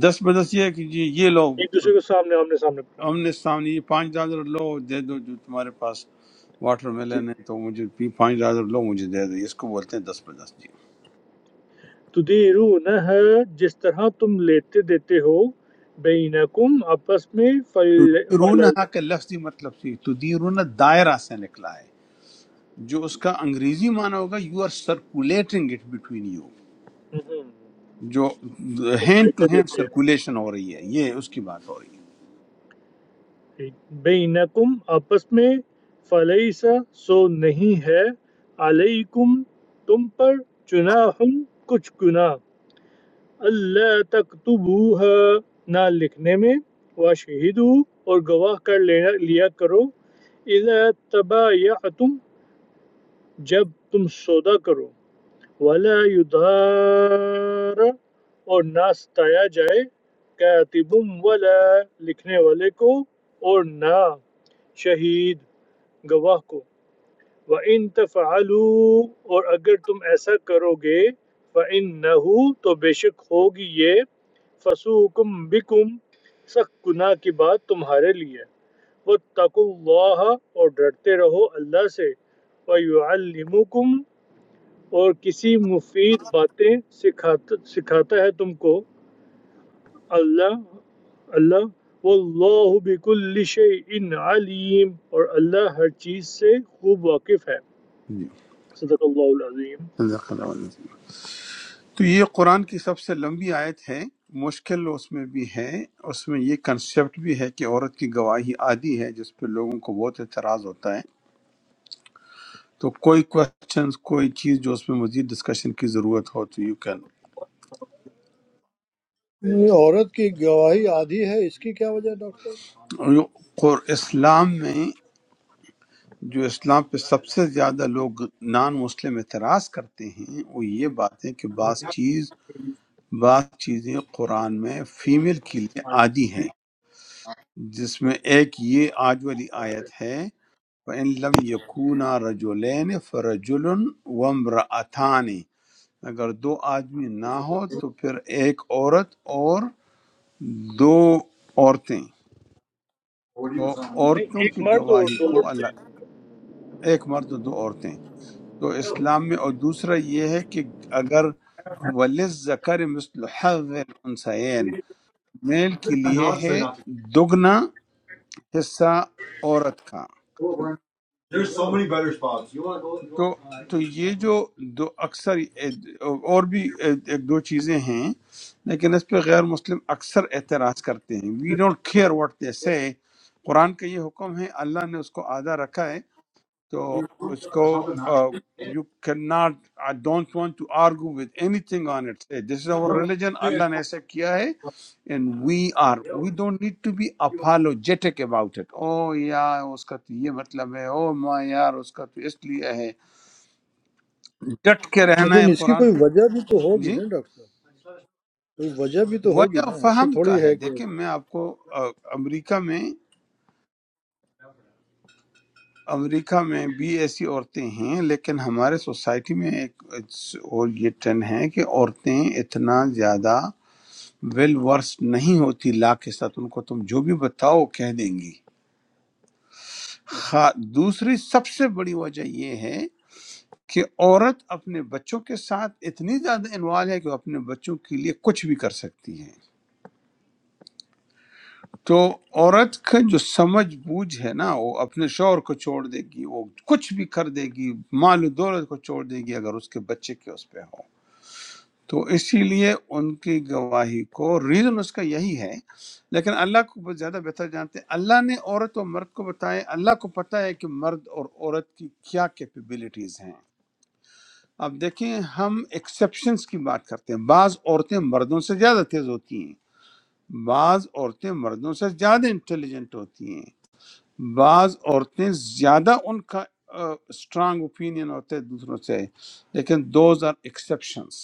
S2: دس بدس یہ ہے کہ جی یہ لو
S9: ایک دوسرے کو سامنے آمنے سامنے پڑھانا
S2: آمنے
S9: ہے۔
S2: سامنے یہ پانچ ڈالر لو دے دو جو تمہارے پاس واٹر
S9: جی
S2: میلن ہے
S9: جی
S2: تو مجھے بھی پانچ ڈالر لو مجھے دے دو اس کو بولتے ہیں دس بدس جی
S9: تُدِیرُونَ جس طرح تم لیتے دیتے ہو بینکم آپس میں فل فل
S2: تدیرونہا کا لفظی مطلب سے تدیرون دائرہ سے نکلا ہے جو اس کا انگریزی معنی ہوگا you are circulating it between you
S9: ہم،
S2: جو
S9: تم
S2: ہینڈ ٹو
S9: لیتے
S2: ہینڈ
S9: دیتے ہو
S2: سرکولیشن ہو رہی ہے یہ اس کی بات ہو رہی
S9: ٹھیک۔ بینکم آپس میں فلیسا سو نہیں ہے علیکم تم پر جناح کچھ گناہ اللہ تکتبوها نہ لکھنے میں واشہدو اور گواہ کر لینا لیا کرو اذا تبایعتم جب تم سودا کرو ولا یدار اور نہ ستایا جائے کاتب ولا لکھنے والے کو اور نہ شہید گواہ کو وَإِن تَفْعَلُوا اور اگر تم ایسا کرو گے فَإِنَّهُ تو بے شک ہوگی یہ فَسُوكُمْ بِكُمْ سخت گناہ کی بات تمہارے لیے وَاتَّقُوا اللَّهَ اور ڈرتے رہو اللہ سے وَيُعَلِّمُكُمْ اور کسی مفید باتیں سکھاتا سکھاتا ہے تم کو اللہ اللہ واللہ بکل شیء علیم اور اللہ ہر چیز سے خوب واقف ہے
S2: ہے جی
S9: صدق اللہ العظیم
S2: صدق اللہ العظیم۔ تو یہ قرآن کی سب سے لمبی آیت ہے مشکل اس میں بھی ہے اس میں یہ کنسیپٹ بھی ہے کہ عورت کی گواہی عادی ہے جس پہ لوگوں کو بہت اعتراض ہوتا ہے تو کوئی کوشچن کوئی چیز جو اس میں مزید ڈسکشن کی ضرورت ہو تو یو کین
S6: یہ عورت کی گواہی آدھی ہے اس کی کیا وجہ ہے ڈاکٹر صاحب
S2: اسلام میں جو اسلام پہ سب سے زیادہ لوگ نان مسلم اعتراض کرتے ہیں وہ یہ بات ہے کہ بعض چیز بعض چیزیں قرآن میں فیمیل کے لیے عادی ہیں جس میں ایک یہ آج والی آیت ہے فَإِن لَمْ يَكُونَا رَجُلَيْنِ فَرَجُلٌ وَامْرَأَتَانِ اگر دو آدمی نہ ہو تو پھر ایک عورت اور دو عورتیں تو
S9: نہیں
S2: عورتوں
S9: ایک
S2: کی
S9: مرد اور
S2: گواہی
S9: دو
S2: کو
S9: عورتیں
S2: اللہ ایک مرد اور دو عورتیں تو اسلام میں اور دوسرا یہ ہے کہ اگر ولز ذکر مثل حظ الانثیین میل کے لیے ہے دگنا حصہ عورت کا تو تو یہ جو دو اکثر اور بھی ایک دو چیزیں ہیں لیکن اس پہ غیر مسلم اکثر اعتراض کرتے ہیں we don't care what they say Quran کا یہ حکم ہے اللہ نے اس کو آدھا رکھا ہے تو اس کو you can not I don't want to argue with anything on it this is over religion Allah نے ایسا کیا ہے and we are we don't need to be apologetic about it oh یار اس کا تو یہ مطلب ہے او ماں یار اس کا تو اس لیے ہے ڈٹ کے رہنا ہے
S6: لیکن اس کی
S2: قرآن
S6: کوئی
S2: پہ۔
S6: وجہ بھی تو ہوگی
S2: جی
S6: نا ڈاکٹر صاحب کوئی وجہ بھی تو ہوگی
S2: وجہ
S6: نا ایسے
S2: فہم
S6: تھوڑی
S2: کا ہے
S6: ہے کہ
S2: دیکھیں میں آپ کو آ، امریکہ میں امریکہ میں بھی ایسی عورتیں ہیں لیکن ہمارے سوسائٹی میں ایک اٹس- اور یہ ٹرن ہے کہ عورتیں اتنا زیادہ ویل ورس نہیں ہوتی لا کے ساتھ ان کو تم جو بھی بتاؤ کہہ دیں گی خا- دوسری سب سے بڑی وجہ یہ ہے کہ عورت اپنے بچوں کے ساتھ اتنی زیادہ انوالو ہے کہ وہ اپنے بچوں کے لیے کچھ بھی کر سکتی ہے تو عورت کا جو سمجھ بوجھ ہے نا وہ اپنے شوہر کو چھوڑ دے گی وہ کچھ بھی کر دے گی مال و دولت کو چھوڑ دے گی اگر اس کے بچے کے اس پہ ہو تو اسی لیے ان کی گواہی کو ریزن اس کا یہی ہے لیکن اللہ کو بہت زیادہ بہتر جانتے ہیں اللہ نے عورت اور مرد کو بتایا اللہ کو پتہ ہے کہ مرد اور عورت کی کیا کیپیبلٹیز ہیں اب دیکھیں ہم ایکسیپشنز کی بات کرتے ہیں بعض عورتیں مردوں سے زیادہ تیز ہوتی ہیں بعض عورتیں مردوں سے زیادہ انٹیلیجنٹ ہوتی ہیں بعض عورتیں زیادہ ان کا اسٹرانگ اوپینین ہوتا ہے دوسروں سے لیکن دوز آر ایکسیپشنس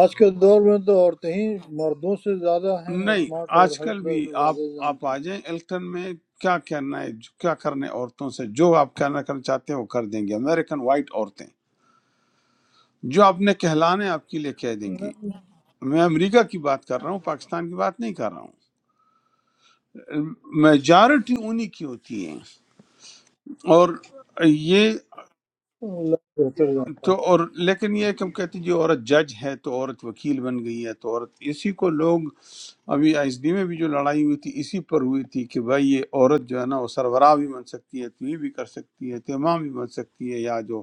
S6: آج کے دور میں تو عورتیں ہی مردوں سے زیادہ ہیں
S2: نہیں
S6: اسمارٹ اور
S2: آج
S6: ہر
S2: کل
S6: طرح
S2: بھی
S6: سے
S2: آپ
S6: زیادہ
S2: آپ
S6: جانتی
S2: آ جائیں الیکٹن میں کیا کرنا ہے جو- کیا کرنا ہے عورتوں سے جو آپ کرنا کرنا چاہتے ہیں وہ کر دیں گے امریکن وائٹ عورتیں جو آپ نے کہلانا ہے آپ کے لیے کہہ دیں
S6: ہیں
S2: گی
S6: نہیں،
S2: میں امریکہ کی بات کر رہا ہوں پاکستان کی بات نہیں کر رہا ہوں میجارٹی انہی کی ہوتی ہے اور یہ
S6: اللہ بہتر جانتا
S2: تو
S6: ہے
S2: اور لیکن یہ ہے کہ ہم کہتے ہیں جی عورت جج ہے تو عورت وکیل بن گئی ہے تو عورت اسی کو لوگ ابھی آئی ایس ڈی میں بھی جو لڑائی ہوئی تھی اسی پر ہوئی تھی کہ بھائی یہ عورت جو ہے نا وہ سربراہ بھی بن سکتی ہے تو یہ بھی کر سکتی ہے تو امام بھی بن سکتی ہے یا جو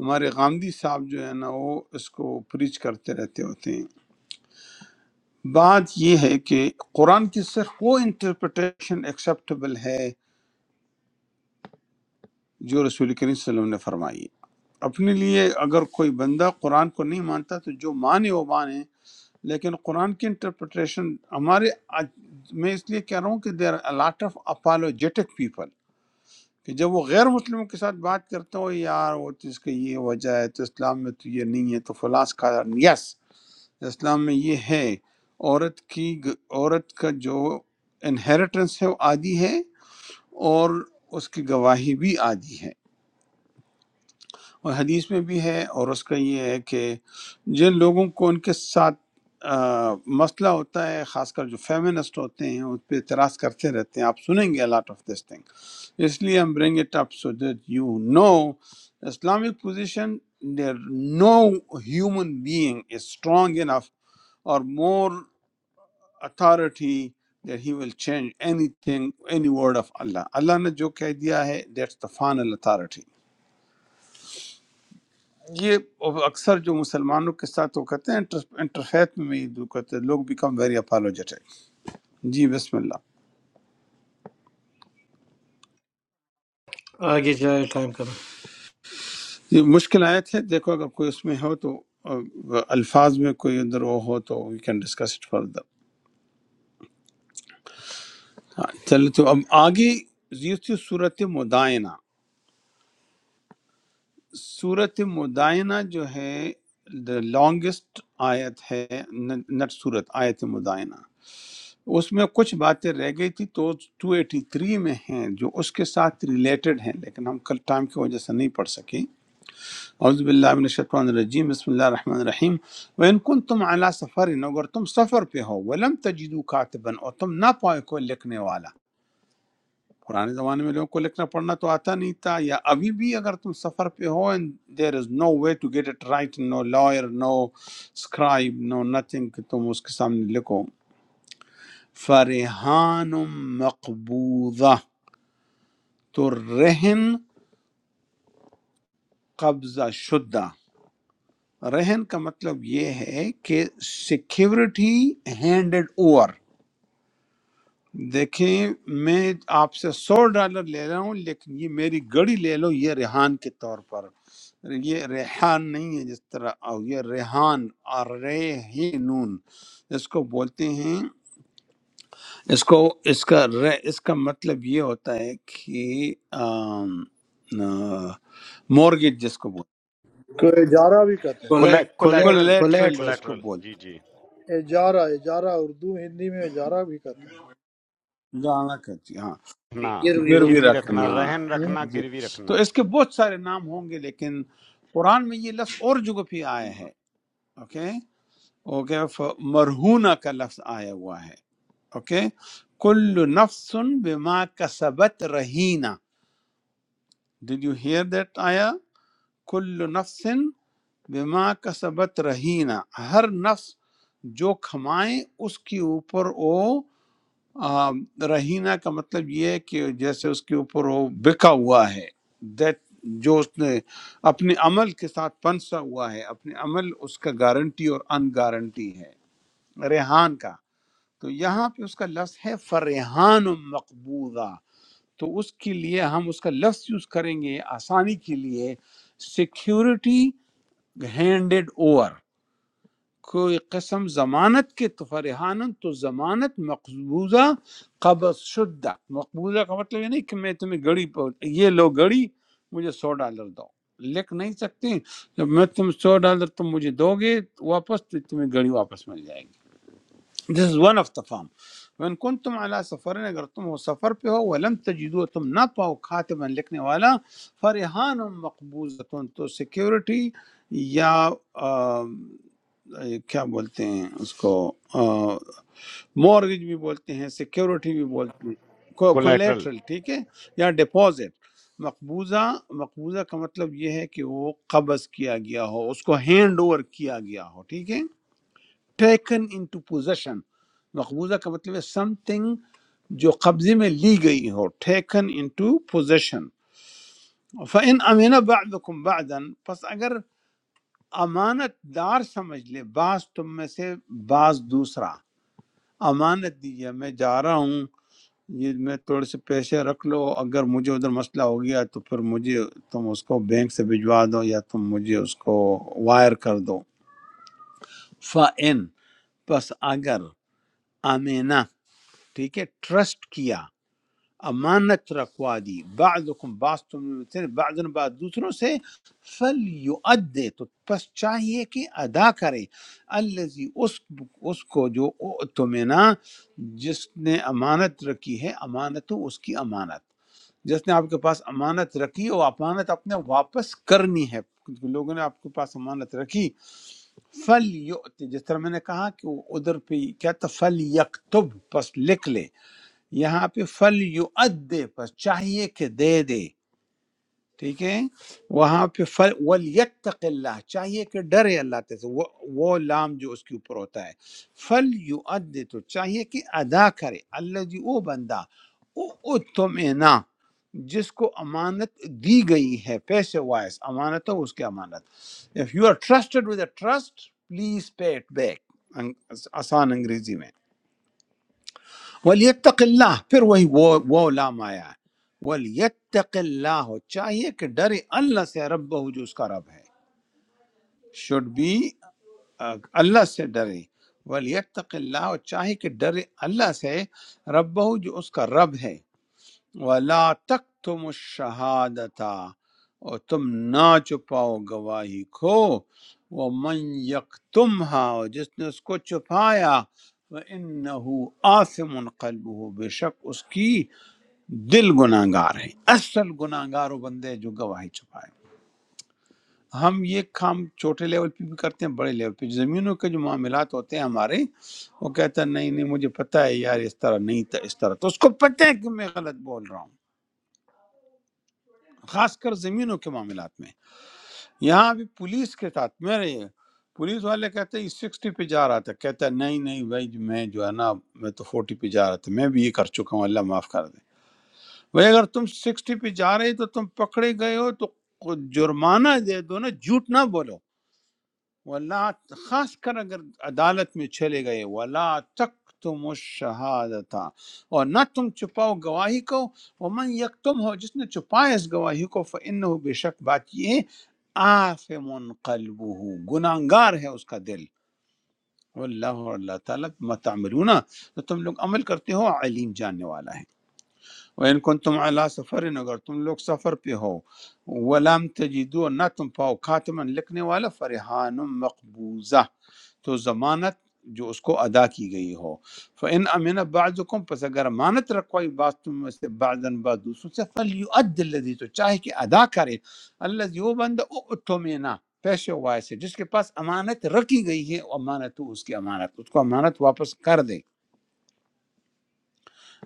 S2: ہمارے غامدی صاحب جو ہے نا وہ اس کو پریچ کرتے رہتے ہوتے ہیں بات یہ ہے کہ قرآن کی صرف وہ انٹرپریٹیشن ایکسیپٹیبل ہے جو رسول کریم صلی اللہ علیہ وسلم نے فرمائی ہے۔ اپنے لیے اگر کوئی بندہ قرآن کو نہیں مانتا تو جو مانے وہ مانے لیکن قرآن کی انٹرپریٹیشن ہمارے آج- میں اس لیے کہہ رہا ہوں کہ there are lot of apologetic people کہ جب وہ غیر مسلموں کے ساتھ بات کرتے ہو یار وہ تو اس کا یہ وجہ ہے تو اسلام میں تو یہ نہیں ہے تو فلاس کا یس اسلام میں یہ ہے عورت کی عورت کا جو انہیریٹنس ہے وہ آدھی ہے اور اس کی گواہی بھی آدھی ہے اور حدیث میں بھی ہے اور اس کا یہ ہے کہ جن لوگوں کو ان کے ساتھ آ، مسئلہ ہوتا ہے خاص کر جو فیمنسٹ ہوتے ہیں اس پہ اعتراض کرتے رہتے ہیں آپ سنیں گے لاٹ آف دس تھنگ اس لیے ہم bring it up so that you know Islamic position there no human being is strong enough or more authority that he will change anything any word of Allah Allah نے جو کہہ دیا ہے that's the final authority یہ اکثر جو مسلمانوں کے ساتھ وہ کہتے ہیں انٹر- انٹرفیت میں یہ جو کہتے ہیں لوگ بیکم ویری اپالوجیٹک جی بسم اللہ
S4: آگے جائے ٹائم کم ہے
S2: یہ مشکل آیت ہے دیکھو اگر کوئی اس میں ہو تو آ، الفاظ میں کوئی اندر وہ ہو تو we can discuss it further ہاں چلے تو اب آگے یہ تھی صورت مدائنہ صورت مدائنہ جو ہے دا لانگسٹ آیت ہے نٹ صورت آیت مدائنہ اس میں کچھ باتیں رہ گئی تھی تو 283 میں ہیں جو اس کے ساتھ ریلیٹڈ ہیں لیکن ہم کل ٹائم کی وجہ سے نہیں پڑھ سکیں اعوذ باللہ من الشیطان الرجیم بسم اللہ الرحمن الرحیم وَإِن كُنْتُمْ عَلَى سَفَرٍ اگر تم سفر پہ ہو وَلَمْ تَجِدُوا كَاتِبًا اور تم نہ پائے کوئی لکھنے والا پرانے زمانے میں لوگوں کو لکھنا پڑھنا تو آتا نہیں تھا یا ابھی بھی اگر تم سفر پہ ہو and there is no way to get it right no lawyer no scribe no nothing کہ تم اس کے سامنے لکھو فرحان مقبوضہ تو رہن قبضہ شدہ رہن کا مطلب یہ ہے کہ سیکیورٹی ہینڈڈ اوور دیکھیں میں آپ سے سو ڈالر لے رہا ہوں لیکن یہ میری گڑی لے لو یہ ریحان کے طور پر یہ ریحان نہیں ہے جس طرح آو یہ ریحان اور ریحینون اس کو بولتے ہیں اس کو اس کا ر- اس کا مطلب یہ ہوتا ہے کہ مورگیج جس کو بولتے
S6: تو اجارہ بھی کہتے
S4: کولیٹ
S2: ہیں،
S4: کولیٹ
S1: कोलेटरल
S2: کولیٹرل
S4: کولیٹرل
S2: جس کو
S1: कोलेटरल
S2: بولتے
S1: जी जी
S6: ہیں اجارہ اجارہ اردو ہندی میں اجارہ بھی کہتے ہیں
S2: ہیں، گانا کرتی ہاں
S1: रखना
S4: گروی
S2: گروی
S4: اردو
S1: गिरवी
S4: میں ہے۔
S1: रखना
S2: رکھنا
S1: रहन
S6: ہوں،
S1: रखना
S2: جی
S1: गिरवी
S2: تو
S1: रखना
S2: اس کے بہت سارے نام ہوں گے لیکن قرآن میں یہ لفظ اور جگہ پہ آیا ہے اوکے اوکے مرہونہ کا لفظ آیا ہوا ہے اوکے کل نفس بما کسبت رہینا ڈیڈ یو ہیئر دیٹ آیا کل نفس بما کسبت رہینا ہر نفس جو کھمائے اس کے اوپر وہ آ، رہینا کا مطلب یہ ہے کہ جیسے اس کے اوپر وہ بکا ہوا ہے دیٹ جو اس نے اپنے عمل کے ساتھ پنسا ہوا ہے اپنے عمل اس کا گارنٹی اور ان گارنٹی ہے ریحان کا تو یہاں پہ اس کا لفظ ہے فرحان مقبوضہ تو اس کے لیے ہم اس کا لفظ یوز کریں گے آسانی کے لیے سیکیورٹی ہینڈڈ اوور کوئی قسم ضمانت کے تو فرحانن تو ضمانت مقبوضہ قبض شدہ مقبوضہ کا مطلب یہ نہیں کہ میں تمہیں گڑی پر یہ لو گڑی مجھے سو ڈالر دو لکھ نہیں سکتے جب میں تم سو ڈالر تم مجھے دو گے واپس تو تمہیں گڑی واپس مل جائے گی This is one of the farm. وَإِن كُنْتُمْ عَلَى سَفَرٍ اگر تم ہو سفر پہ ہو وَلَمْ تَجِدُوا تم نہ پاؤ کاتبًا لکھنے والا فَرِحَانٌ مَقْبُوزَةٌ تو سیکیورٹی یا آ، کیا بولتے ہیں اس کو مورگج بھی بولتے ہیں سیکیورٹی بھی بولتے ہیں
S1: कोलेटरल
S2: کولیٹرل ٹھیک ہے یا ڈپازٹ مقبوضہ مقبوضہ کا مطلب یہ ہے کہ وہ قبض کیا گیا ہو اس کو ہینڈ اوور کیا گیا ہو ٹھیک ہے ٹیکن into possession مقبوضہ کا مطلب ہے سم تھنگ جو قبضے میں لی گئی ہو ٹیکن into possession فَإِنْ أَمِنَ بَعْضُكُمْ بَعْضًا پس اگر امانت دار سمجھ لے بعض تم میں سے بعض دوسرا امانت دی ہے میں جا رہا ہوں یہ میں تھوڑے سے پیسے رکھ لو اگر مجھے ادھر مسئلہ ہو گیا تو پھر مجھے تم اس کو بینک سے بھجوا دو یا تم مجھے اس کو وائر کر دو فَإِن پس اگر امینا ٹھیک ہے ٹرسٹ کیا امانت رکھوا دی بعضکم بعض تم میں سے، بعضن بعض دوسروں سے فل یؤدے تو پس چاہیے کہ ادا کرے الذی اس اس کو جو تمنا جس نے امانت رکھی ہے امانت تو اس کی امانت جس نے آپ کے پاس امانت رکھی وہ امانت آپ نے واپس کرنی ہے لوگوں نے آپ کے پاس امانت رکھی فل جس طرح میں نے کہا کہ وہ ادھر پہ کیا تھا فل پس لکھ لے یہاں پہ فل یو ادے پس چاہیے کہ دے دے ٹھیک ہے وہاں پہ فل ولیتق اللہ چاہیے کہ ڈرے اللہ تعالیٰ سے وہ وہ لام جو اس کے اوپر ہوتا ہے فل یو ادے تو چاہیے کہ ادا کرے اللہ جی وہ بندہ او تم جس کو امانت دی گئی ہے پیسے وائز امانت ہو اس کی امانت if you are trusted with a trust please pay it back آسان انگریزی میں ولیتق اللہ پھر وہی وہ وہ لام آیا ہے ولیتق اللہ چاہیے کہ ڈرے اللہ سے رب جو اس کا رب ہے should be uh, اللہ سے ڈرے ولیتق اللہ چاہیے کہ ڈرے اللہ سے رب جو اس کا رب ہے ولا تک تم شہادتا اور تم نہ چھپاؤ گواہی کو وہ من یکتمہا اور جس نے اس کو چھپایا وہ انہو آثم قلبہ بے شک اس کی دل گناہ گار ہے اصل گناہ گار وہ بندے جو گواہی چھپائے ہم یہ کام چھوٹے لیول پہ بھی کرتے ہیں بڑے لیول پہ زمینوں کے جو معاملات ہوتے ہیں ہمارے وہ کہتا ہے نہیں نہیں مجھے پتہ ہے یار اس طرح نہیں تھا اس طرح تو اس کو پتہ ہے کہ میں غلط بول رہا ہوں خاص کر زمینوں کے معاملات میں یہاں ابھی پولیس کے ساتھ میرے یہ پولیس والے کہتے ہیں سکسٹی پہ جا رہا تھا کہتا ہے نہیں نہیں بھائی جو میں جو ہے نا میں تو فورٹی پہ جا رہا تھا میں بھی یہ کر چکا ہوں اللہ معاف کر دے بھائی اگر تم سکسٹی پہ جا رہے ہو تو تم پکڑے گئے ہو تو جرمانہ دے دو نا جھوٹ نہ بولو ولا خاص کر اگر عدالت میں چلے گئے ولا تک تم اور نہ تم چھپاؤ گواہی کو ومن یک تم ہو جس نے چھپائے اس گواہی کو فن بے شک بات یہ آفم قلبہ گناہگار ہے اس کا دل واللہ اور اللہ تعالیٰ ما تعملون تو تم لوگ عمل کرتے ہو علیم جاننے والا ہے وَإِن كُنْتُمْ عَلَىٰ سَفَرٍ اگر تم لوگ سفر پہ ہو وَلَمْ تَجِدُوا اور نہ تم پاؤ کاتمن لکھنے والا فرحان مقبوضہ تو ضمانت جو اس کو ادا کی گئی ہو فَإِنْ أَمِنَ بَعْضُكُمْ پس اگر امانت رکھوائی بعض تم میں سے بعضاً بعض دوسروں سے فَلْيُؤَدِّ الَّذِي تو چاہے کہ ادا کرے الَّذِي وہ بندہ اُؤْتُمِنَ پیشے وائے سے جس کے پاس امانت رکھی گئی ہے امانت تو اس کی امانت اس کو امانت واپس کر دے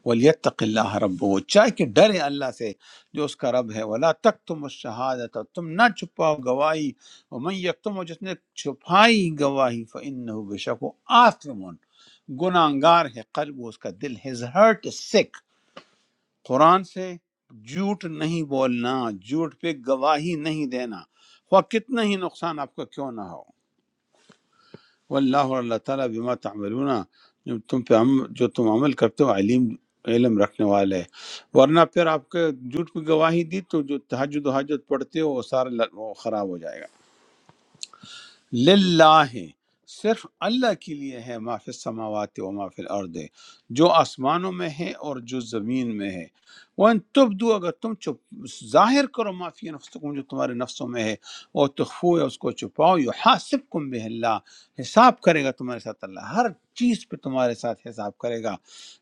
S2: ولیتق اللہ رب وہ چاہے کہ ڈرے اللہ سے جو اس کا رب ہے ولا تک تم شہادت تم نہ چھپاؤ گواہی ومن یکتم جس نے چھپائی گواہی فإنه بشک وہ آثم گناہگار ہے قلب اس کا دل his heart is sick قرآن سے جھوٹ نہیں بولنا جھوٹ پہ گواہی نہیں دینا خواہ کتنا ہی نقصان آپ کو کیوں نہ ہو واللہ اور اللہ تعالیٰ بما تعملون جو تم پہ عم جو تم عمل کرتے ہو علیم علم رکھنے والے ہے ورنہ پھر آپ کے جھوٹ کی گواہی دی تو جو تہجد و حاجت پڑھتے ہو وہ سارا ل- وہ خراب ہو جائے گا للہ صرف اللہ کے لیے ہے ما فی السماوات و ما فی الارض جو آسمانوں میں ہے اور جو زمین میں ہے وان تبدو اگر تم چپ ظاہر کرو ما فی انفسکم جو تمہارے نفسوں میں ہے اور تخفو ہے اس کو چھپاؤ یحاسبکم بہ اللہ حساب کرے گا تمہارے ساتھ اللہ ہر چیز پہ تمہارے ساتھ حساب کرے گا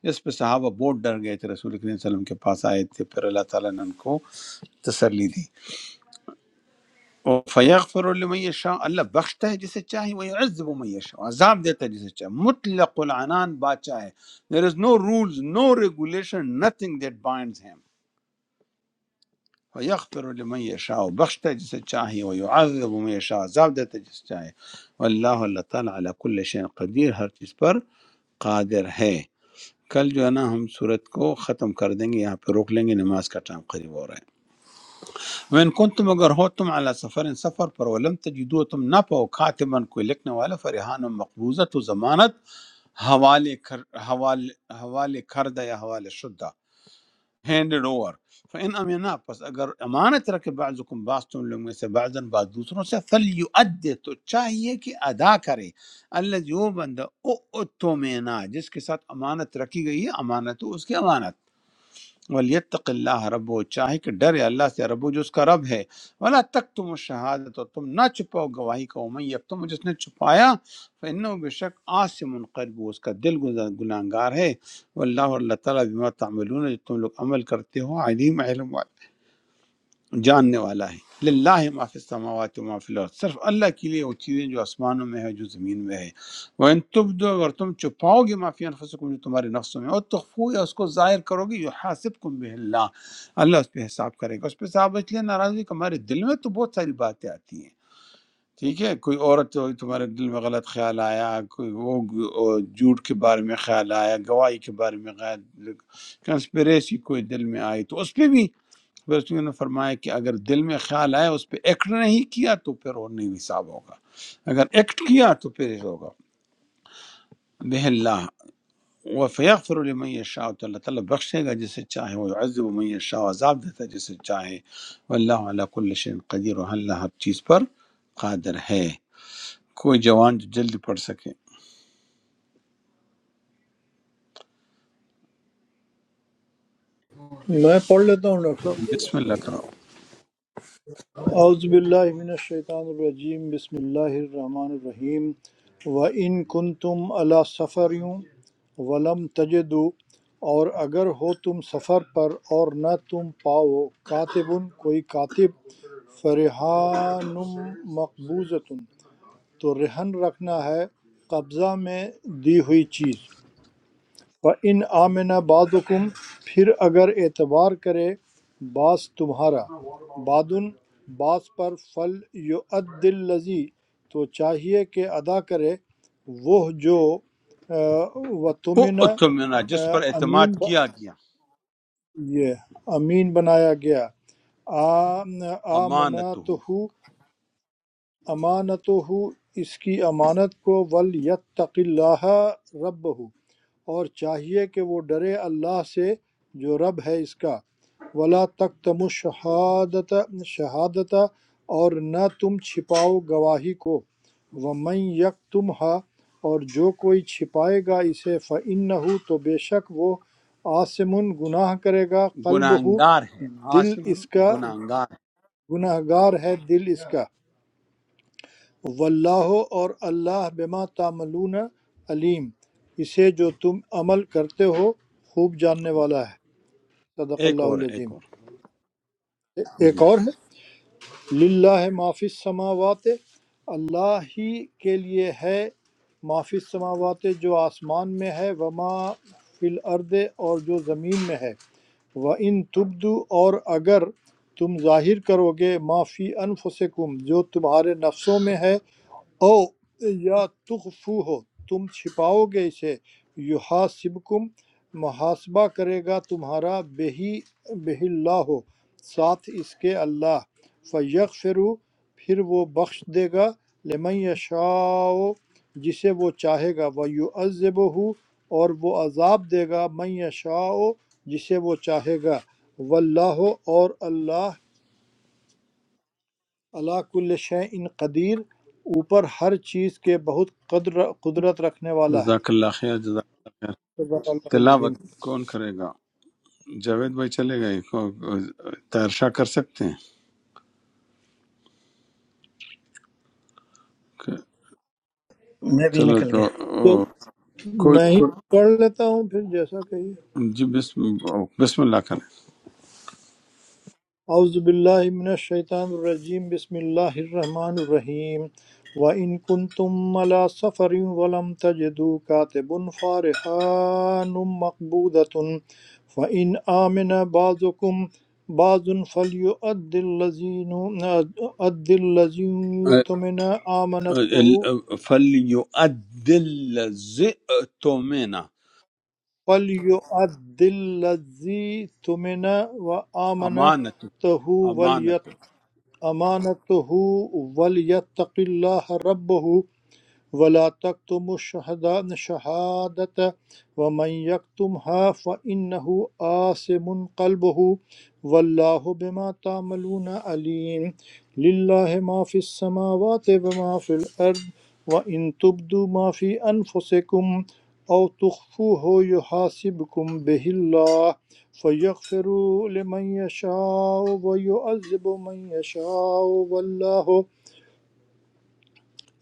S2: اس پہ صحابہ بہت ڈر گئے تھے رسول کریم صلی اللہ علیہ وسلم کے پاس آئے تھے پھر اللہ تعالیٰ نے ان کو تسلی دی فیغفر لمن یشاء اللہ بخشتا ہے جسے چاہے وہ عزب من یشاء عذاب دیتا ہے جسے چاہے مطلق العنان بادشاہ ہے there is no rules no regulation nothing that binds him فیغفر لمن یشاء بخشتا ہے جسے چاہے وہ عزب من یشاء عذاب دیتا ہے جسے چاہے واللہ اللہ تعالیٰ علی کل شئین قدیر ہر چیز پر قادر ہے کل جو ہے نا ہم صورت کو ختم کر دیں گے یہاں پہ روک لیں گے نماز کا ٹائم قریب ہو رہا ہے وین کن تم اگر ہو تم اعلیٰ سفر سفر پر ولم تجدو تم نہ پاؤ خاتمن کوئی لکھنے والا فرحان و مقبوضہ تو ضمانت حوالے کر حوالے حوالے کردہ یا حوالے شدہ ہینڈڈ اوور فإن امنا پس اگر امانت رکھے بعضکم بعض تم لوگ میں سے بعضن بعض دوسروں سے فلیؤدی تو چاہیے کہ ادا کرے اللہ جو بندہ او اتمنا جس کے ساتھ امانت رکھی گئی ہے امانت تو اس کی امانت ولیتق اللہ رب چاہے کہ ڈرے اللہ سے رب جو اس کا رب ہے ولا تک تم شہادت اور تم نہ چھپاؤ گواہی کا میں اب تم جس نے چھپایا فن بے شک آس سے منقلب ہو، اس کا دل گناہ گار ہے واللہ اور اللہ تعالیٰ بما تعملون جو تم لوگ عمل کرتے ہو علیم علم والا جاننے والا ہے للہ ما فی السماوات و ما فی الارض صرف اللہ کے لیے وہ چیزیں جو آسمانوں میں ہے جو زمین میں ہے وہ ان تب دو اگر تم چھپاؤ گے ما فی انفسکم جو تمہارے نفسوں میں اور تخفو یا اس کو ظاہر کرو گے جو حاسبکم بہ اللہ اللہ اس پہ حساب کرے گا اس پہ صاحب اس لیے ناراض ہوئی کہ ہمارے دل میں تو بہت ساری باتیں آتی ہیں ٹھیک ہے کوئی عورت ہوئی تمہارے دل میں غلط خیال آیا کوئی وہ وہ جھوٹ کے بارے میں خیال آیا گواہی کے بارے میں غیر کنسپریسی کوئی دل میں آئی تو اس پہ بھی پھر اس نے فرمایا کہ اگر دل میں خیال آیا اس پہ ایکٹ نہیں کیا تو پھر وہ نہیں حساب ہوگا اگر ایکٹ کیا تو پھر یہ ہوگا بہ اللہ وہ فیغفر لمن یشاء تو اللہ تعالیٰ بخشے گا جسے چاہے وہ عزب من یشاء عذاب دیتا ہے جسے چاہے واللہ علی کل شیء قدیر و اللہ ہر چیز پر قادر ہے کوئی جوان جو جلدی پڑھ سکے
S6: میں پڑھ لیتا ہوں ڈاکٹر
S2: بسم اللہ کرو
S6: اعوذ باللہ من الشیطان الرجیم بسم اللہ الرحمن الرحیم وَإِن كُنتُمْ عَلَى سَفَرٍ وَلَمْ تَجِدُوا اور اگر ہو تم سفر پر اور نہ تم پاؤ کاتبن کوئی کاتب فرحان مقبوضۃ تو رہن رکھنا ہے قبضہ میں دی ہوئی چیز فَإِنْ آمَنَ بَعْضُكُمْ پھر اگر اعتبار کرے بعض تمہارا بادن بعض پر فل یؤد الذی تو چاہیے کہ ادا کرے وہ جو و تمن
S2: او تمنا جس پر
S6: امین
S2: اعتماد
S6: ب-
S2: کیا گیا
S6: یہ امین بنایا گیا آمنا
S2: امانت
S6: تو
S2: ہو
S6: امانت ہو اس کی امانت کو ول یتق اللہ رب اور چاہیے کہ وہ ڈرے اللہ سے جو رب ہے اس کا ولا تکتموا شہادت شہادت اور نہ تم چھپاؤ گواہی کو ومن یکتمھا اور جو کوئی چھپائے گا اسے فإنہ تو بے شک وہ آسمن گناہ کرے گا قلب ہو
S2: گناہگار ہے
S6: دل
S2: عاصم
S6: اس کا
S2: گناہگار
S6: گناہ گار ہے دل اس کا واللہ اور اللہ بما تعملون علیم اسے جو تم عمل کرتے ہو خوب جاننے والا ہے
S2: ہے
S6: صدق
S2: ایک
S6: اللہ
S2: اور ایک
S6: العظیم
S2: اور جی
S6: ایک اور ہے للہ معافی السماوات اللہ ہی کے لیے ہے معافی السماوات جو آسمان میں ہے وما فی الارض اور جو زمین میں ہے و ان تبدو اور اگر تم ظاہر کرو گے معافی انفسکم جو تمہارے نفسوں میں ہے او یا تخفو ہو تم چھپاؤ گے اسے یحاسبکم محاسبہ کرے گا تمہارا بہی بہ اللہ ہو ساتھ اس کے اللہ فیغفرو پھر وہ بخش دے گا لمن یشاء جسے وہ چاہے گا ویعذبہ اور وہ عذاب دے گا من یشاء جسے وہ چاہے گا واللہ اور اللہ اللہ کل شعین قدیر اوپر ہر چیز کے بہت قدر قدرت رکھنے والا
S2: جزاک
S6: ہے
S2: اللہ خیر جزاک اللہ خیر
S6: صدق اللہ العظیم
S2: تلاوت کون کرے گا جاوید بھائی چلے گئے کو- تیرشاہ کر سکتے ہیں کہ-
S4: میں بھی
S2: چلو
S4: نکل
S2: تو
S4: گیا
S6: تو
S2: او، کوئی
S6: میں ہی
S2: کوئی-
S6: پڑھ لیتا ہوں پھر جیسا کہیے
S2: جی بسم, او، بسم اللہ کریں
S6: اعوذ باللہ من الشیطان الرجیم بسم اللہ الرحمن الرحیم وَإِن كُنتُمْ عَلَى سَفَرٍ وَلَمْ تَجِدُوا كَاتِبًا فَرِحَانٌ مَّقْبُودَةٌ فَإِنْ آمَنَ بَعْضُكُمْ بَعْضًا فَلْيُؤَدِّ الَّذِينَ أَدِّ الَّذِي اؤْتُمِنَ أَمَانَتَهُ
S2: فَلْيُؤَدِّ زِئْتُمِنَا
S6: فَلْيُؤَدِّ الَّذِي اؤْتُمِنَ
S2: امانت
S6: وَأَمَانَتَهُ وَلْيَتَّقِ
S2: امانت
S6: امانته ولیتق الله ربه ولا تكتموا الشهداء- الشهادة ومن يكتمها فإنه آثم قلبه والله بما تعملون عليم لله ما في السماوات وما في الأرض وإن تبدوا ما في أنفسكم أو تخفوه يحاسبكم به الله فيغفر لمن يشاء ويعذب من يشاء والله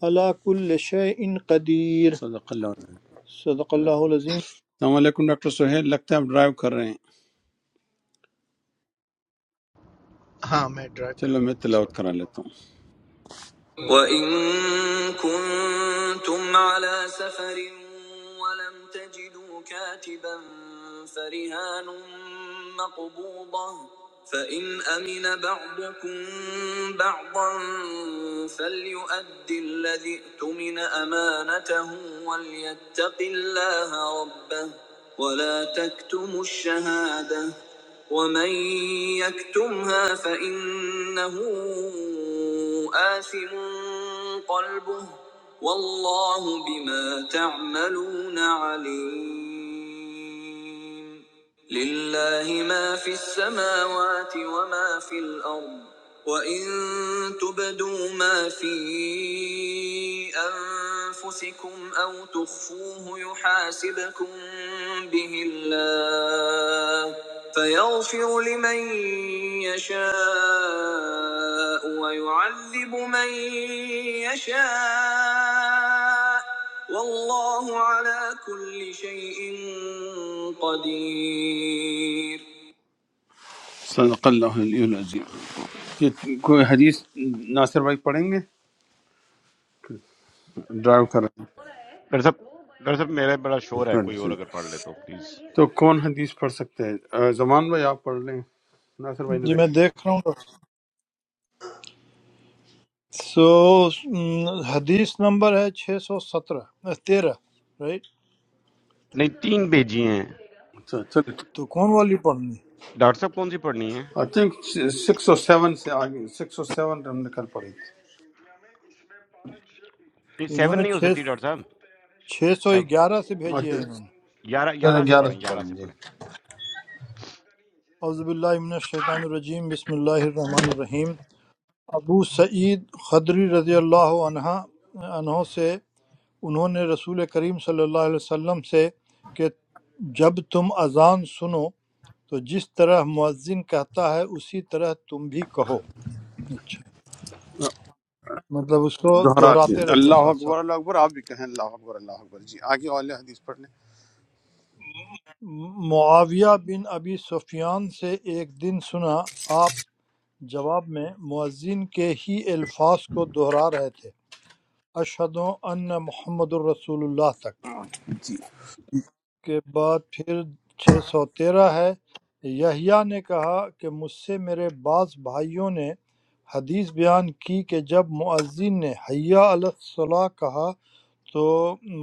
S6: على كل شيء قدير
S2: صدق اللہ علیہ وسلم۔
S6: صدق اللہ العظیم
S2: السلام علیکم ڈاکٹر سہیل لگتا ہے آپ ڈرائیو کر رہے ہیں
S10: हाँ मैं ड्राइव कर
S2: چلو
S10: रहा
S2: میں
S10: हूँ इस
S2: تلاوت کرا
S10: वक्त
S2: لیتا ہوں
S10: तो
S2: وإن كنتم على سفر ولم تجدوا كاتبا فرهان مقبوضة فإن أمن بعضكم بعضا فليؤد الذي ائتمن أمانته وليتق الله ربه ولا تكتموا الشهادة ومن يكتمها فإنه آثم قلبه والله بما تعملون عليم لله ما في السماوات وما في الأرض وإن تبدوا ما في أنفسكم أو تخفوه يحاسبكم به الله فيغفر لمن يشاء ويعذب من يشاء والله علی كل شيء قدير صدق اللہ علیہ العظیم یہ کوئی حدیث ناصر بھائی پڑھیں گے ڈرائیو کر رہے
S1: डॉक्टर साहब डॉक्टर साहब मेरा बड़ा
S2: ہیں
S1: शोर है
S2: ہاں
S1: कोई और
S2: جی۔
S1: अगर पढ़ ले तो प्लीज
S2: تو کون حدیث پڑھ سکتے ہیں آ، زمان بھائی آپ پڑھ لیں ناصر بھائی نے
S6: جی میں دیکھ رہا ہوں سو حدیث نمبر ہے چھ سو سترہ تیرہ رائٹ
S1: नहीं तीन भेजी हैं
S2: بھیجا چل
S6: تو کون والی پڑھنی
S1: डॉक्टर साहब कौन सी पढ़नी है
S2: آئی تھنک سکس اور سیون سے آگے سکس اور سیون ہم نے کل پڑھی تھی
S1: नहीं
S6: انہوں
S1: सेवन
S6: نے
S1: नहीं हो
S6: چھ
S1: सकती डॉक्टर साहब
S6: چھ سو
S1: सेवन
S6: گیارہ سے بھیجی
S2: اچھا
S6: ہے انہوں نے
S1: ग्यारह ग्यारह
S2: چلے
S1: से
S2: گیارہ سے
S1: पढ़ें
S2: پڑھ
S1: ग्यारह
S2: لیں
S1: से
S2: جی
S1: पढ़ें
S6: اعوذ باللہ من الشیطان الرجیم بسم اللہ الرحمن الرحیم ابو سعید خدری رضی اللہ عنہ عنہ سے انہوں نے رسول کریم صلی اللہ علیہ وسلم سے کہ جب تم اذان سنو تو جس طرح مؤذن کہتا ہے اسی طرح تم بھی کہو اچھا مطلب اس کو
S2: دہراتے ہیں
S6: دہراتے رہیے
S2: اللہ
S6: ساتھ
S2: اکبر
S6: ساتھ
S2: اللہ اکبر آپ بھی کہیں اللہ اکبر اللہ اکبر جی آگے والے حدیث پڑھ لیں
S6: معاویہ بن ابی سفیان سے ایک دن سنا آپ جواب میں مؤذن کے ہی الفاظ کو دہرا رہے تھے اشہد ان محمد الرسول اللہ تک کے بعد پھر چھ سو تیرہ ہے یحییٰ نے کہا کہ مجھ سے میرے بعض بھائیوں نے حدیث بیان کی کہ جب مؤذن نے حیا علیہ الصلاح کہا تو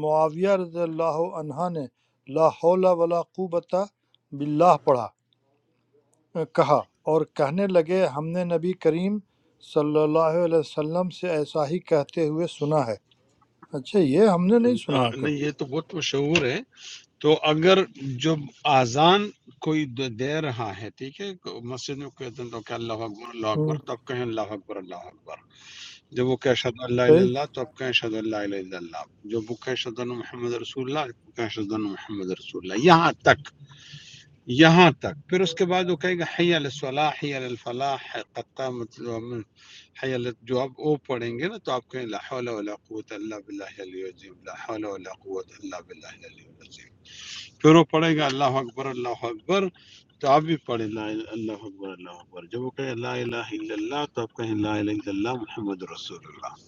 S6: معاویہ رضی اللہ عنہ نے لا حول ولا قوت باللہ پڑھا کہا اور کہنے لگے ہم نے نبی کریم صلی اللہ علیہ وسلم سے ایسا ہی کہتے ہوئے سنا ہے اچھا یہ ہم نے نہیں سنا
S2: آ،
S6: ہے
S2: نہیں
S6: کبھی
S2: یہ تو بہت مشہور ہے تو اگر جب آزان کوئی د- دے رہا ہے ٹھیک ہے کو- مسجد میں کوئی اذان تو کہ اللہ اکبر اللہ
S6: ہوں،
S2: اکبر تو آپ کہیں اللہ اکبر اللہ اکبر جب وہ کہ اشہد اللہ الہ الا
S6: صحیح
S2: اللہ تو آپ کہیں اشہد اللہ الہ الا اللہ جب وہ کہ اشہد ان محمد رسول اللہ آپ کہیں اشہد ان محمد رسول اللہ یہاں تک یہاں تک پھر اس کے بعد وہ کہے گا حی علی الصلاح حی علی الفلاح قد قامت الامم، حی ال- جو آپ او پڑھیں گے نا تو آپ کہیں لا حول ولا قوت الا باللہ العلی العظیم لا حول ولا قوت الا باللہ العلی العظیم پھر وہ پڑھے گا اللہ اکبر اللہ اکبر تو آپ بھی پڑھیں لا الہ- اللہ اکبر اللہ اکبر جب وہ کہے لا الہ الا اللہ تو آپ کہیں لا الہ الا اللہ محمد رسول اللہ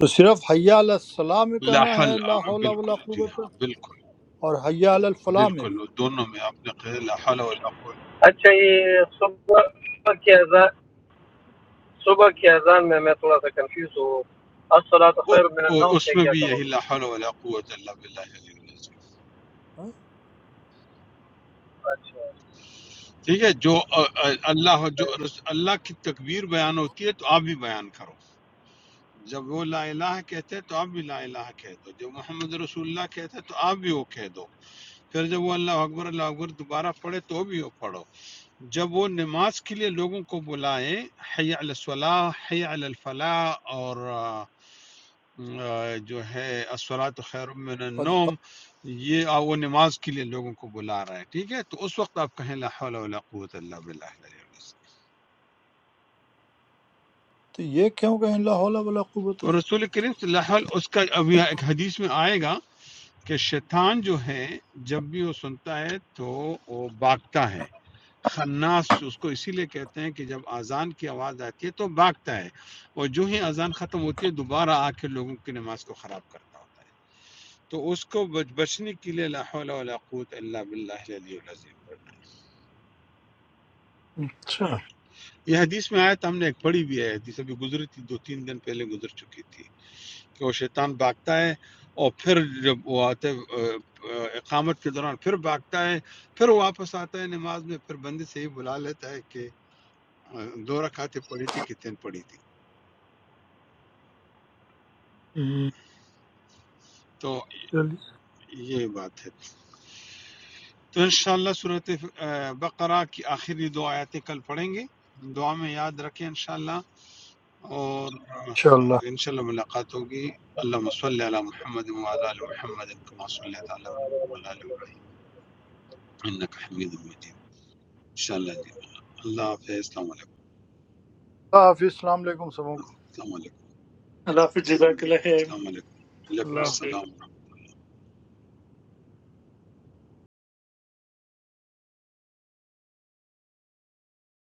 S6: تو صرف حیا علیہ السلام میں
S2: لا
S6: کہنا ہے
S2: حول آ،
S6: لا حول ولا
S2: بالکل جی
S6: قوت
S2: ہاں بالکل
S6: اور حیا علی الفلاح میں
S2: بالکل
S6: بھی
S2: دونوں میں آپ نے کہے لا حول ولا قوت
S4: اچھا یہ صبح کی اذان صبح کی اذان میں میں تھوڑا سا کنفیوز ہوں الصلاۃ خیر
S2: وہ-
S4: من
S2: وہ-
S4: النوم
S2: اس
S4: سے
S2: میں
S4: کیا
S2: بھی
S4: کہو
S2: یہی
S4: گے
S2: لا حول ولا قوت الا باللہ العلی العظیم۔
S6: ہاں؟
S4: اچھا
S2: ٹھیک ہے جو آ، آ، اللہ
S4: صحیح
S2: جو رس- اللہ کی تکبیر بیان ہوتی ہے تو آپ بھی بیان کرو جب وہ لا الہ کہتے ہیں تو آپ بھی لا الہ کہہ دو جب محمد رسول اللہ کہتے ہیں تو آپ بھی وہ کہہ دو پھر جب وہ اللہ اکبر اللہ اکبر دوبارہ پڑھے تو بھی وہ پڑھو جب وہ نماز کے لیے لوگوں کو بلائیں حی علی الصلاح حی علی الفلاح اور آ، آ، جو ہے الصلاۃ خیر من
S6: قد
S2: النوم
S6: قا-
S2: یہ آ- وہ نماز کے لیے لوگوں کو بلا رہا ہے ٹھیک ہے تو اس وقت آپ کہیں لا حول ولا قوت اللہ باللہ العلی العظیم۔
S6: تو یہ کیوں کہیں لا حول ولا قوت
S2: اور رسول کریم صلی اللہ علیہ وسلم- اس کا ابھی ایک حدیث میں آئے گا کہ شیطان جو ہے جب بھی وہ سنتا ہے تو وہ بھاگتا ہے خناس اس کو اسی لیے کہتے ہیں کہ جب اذان کی آواز آتی ہے تو بھاگتا ہے اور جو ہی اذان ختم ہوتی ہے دوبارہ آ کے لوگوں کی نماز کو خراب کرتا ہوتا ہے تو اس کو بچ بچنے کے لیے لا حول ولا قوت الا باللہ العلی العظیم پڑھنا
S6: اچھا ہوں،
S2: یہ حدیث میں آیا تھا ہم نے ایک پڑھی بھی ہے حدیث ابھی گزری تھی دو تین دن پہلے گزر چکی تھی کہ وہ شیطان بھاگتا ہے اور پھر جب وہ آتے اقامت کے دوران پھر بھاگتا ہے پھر وہ واپس آتا ہے نماز میں پھر بندے سے ہی بلا لیتا ہے کہ آ، دو رکعتیں پڑھی تھی کتنے پڑھی تھی تو
S6: چلیے
S2: یہ بات ہے تو انشاءاللہ صورت بقرہ کی آخری دو آیتیں کل پڑھیں گے دعا میں یاد رکھیں انشاءاللہ اور
S6: انشاءاللہ
S2: انشاءاللہ ملاقات ہوگی اللہ صلی علی محمد وعلى آل محمد كما صلیت علی ابراہیم وعلی آل ابراہیم انک حمید مجید انشاءاللہ جی اللہ حافظ السلام علیکم
S6: اللہ حافظ السلام علیکم سبوں کو
S2: السلام علیکم
S9: اللہ حافظ جزاک اللہ خیر
S2: السلام علیکم
S6: اللہ
S2: وعلیکم
S6: حافظ۔
S2: السلام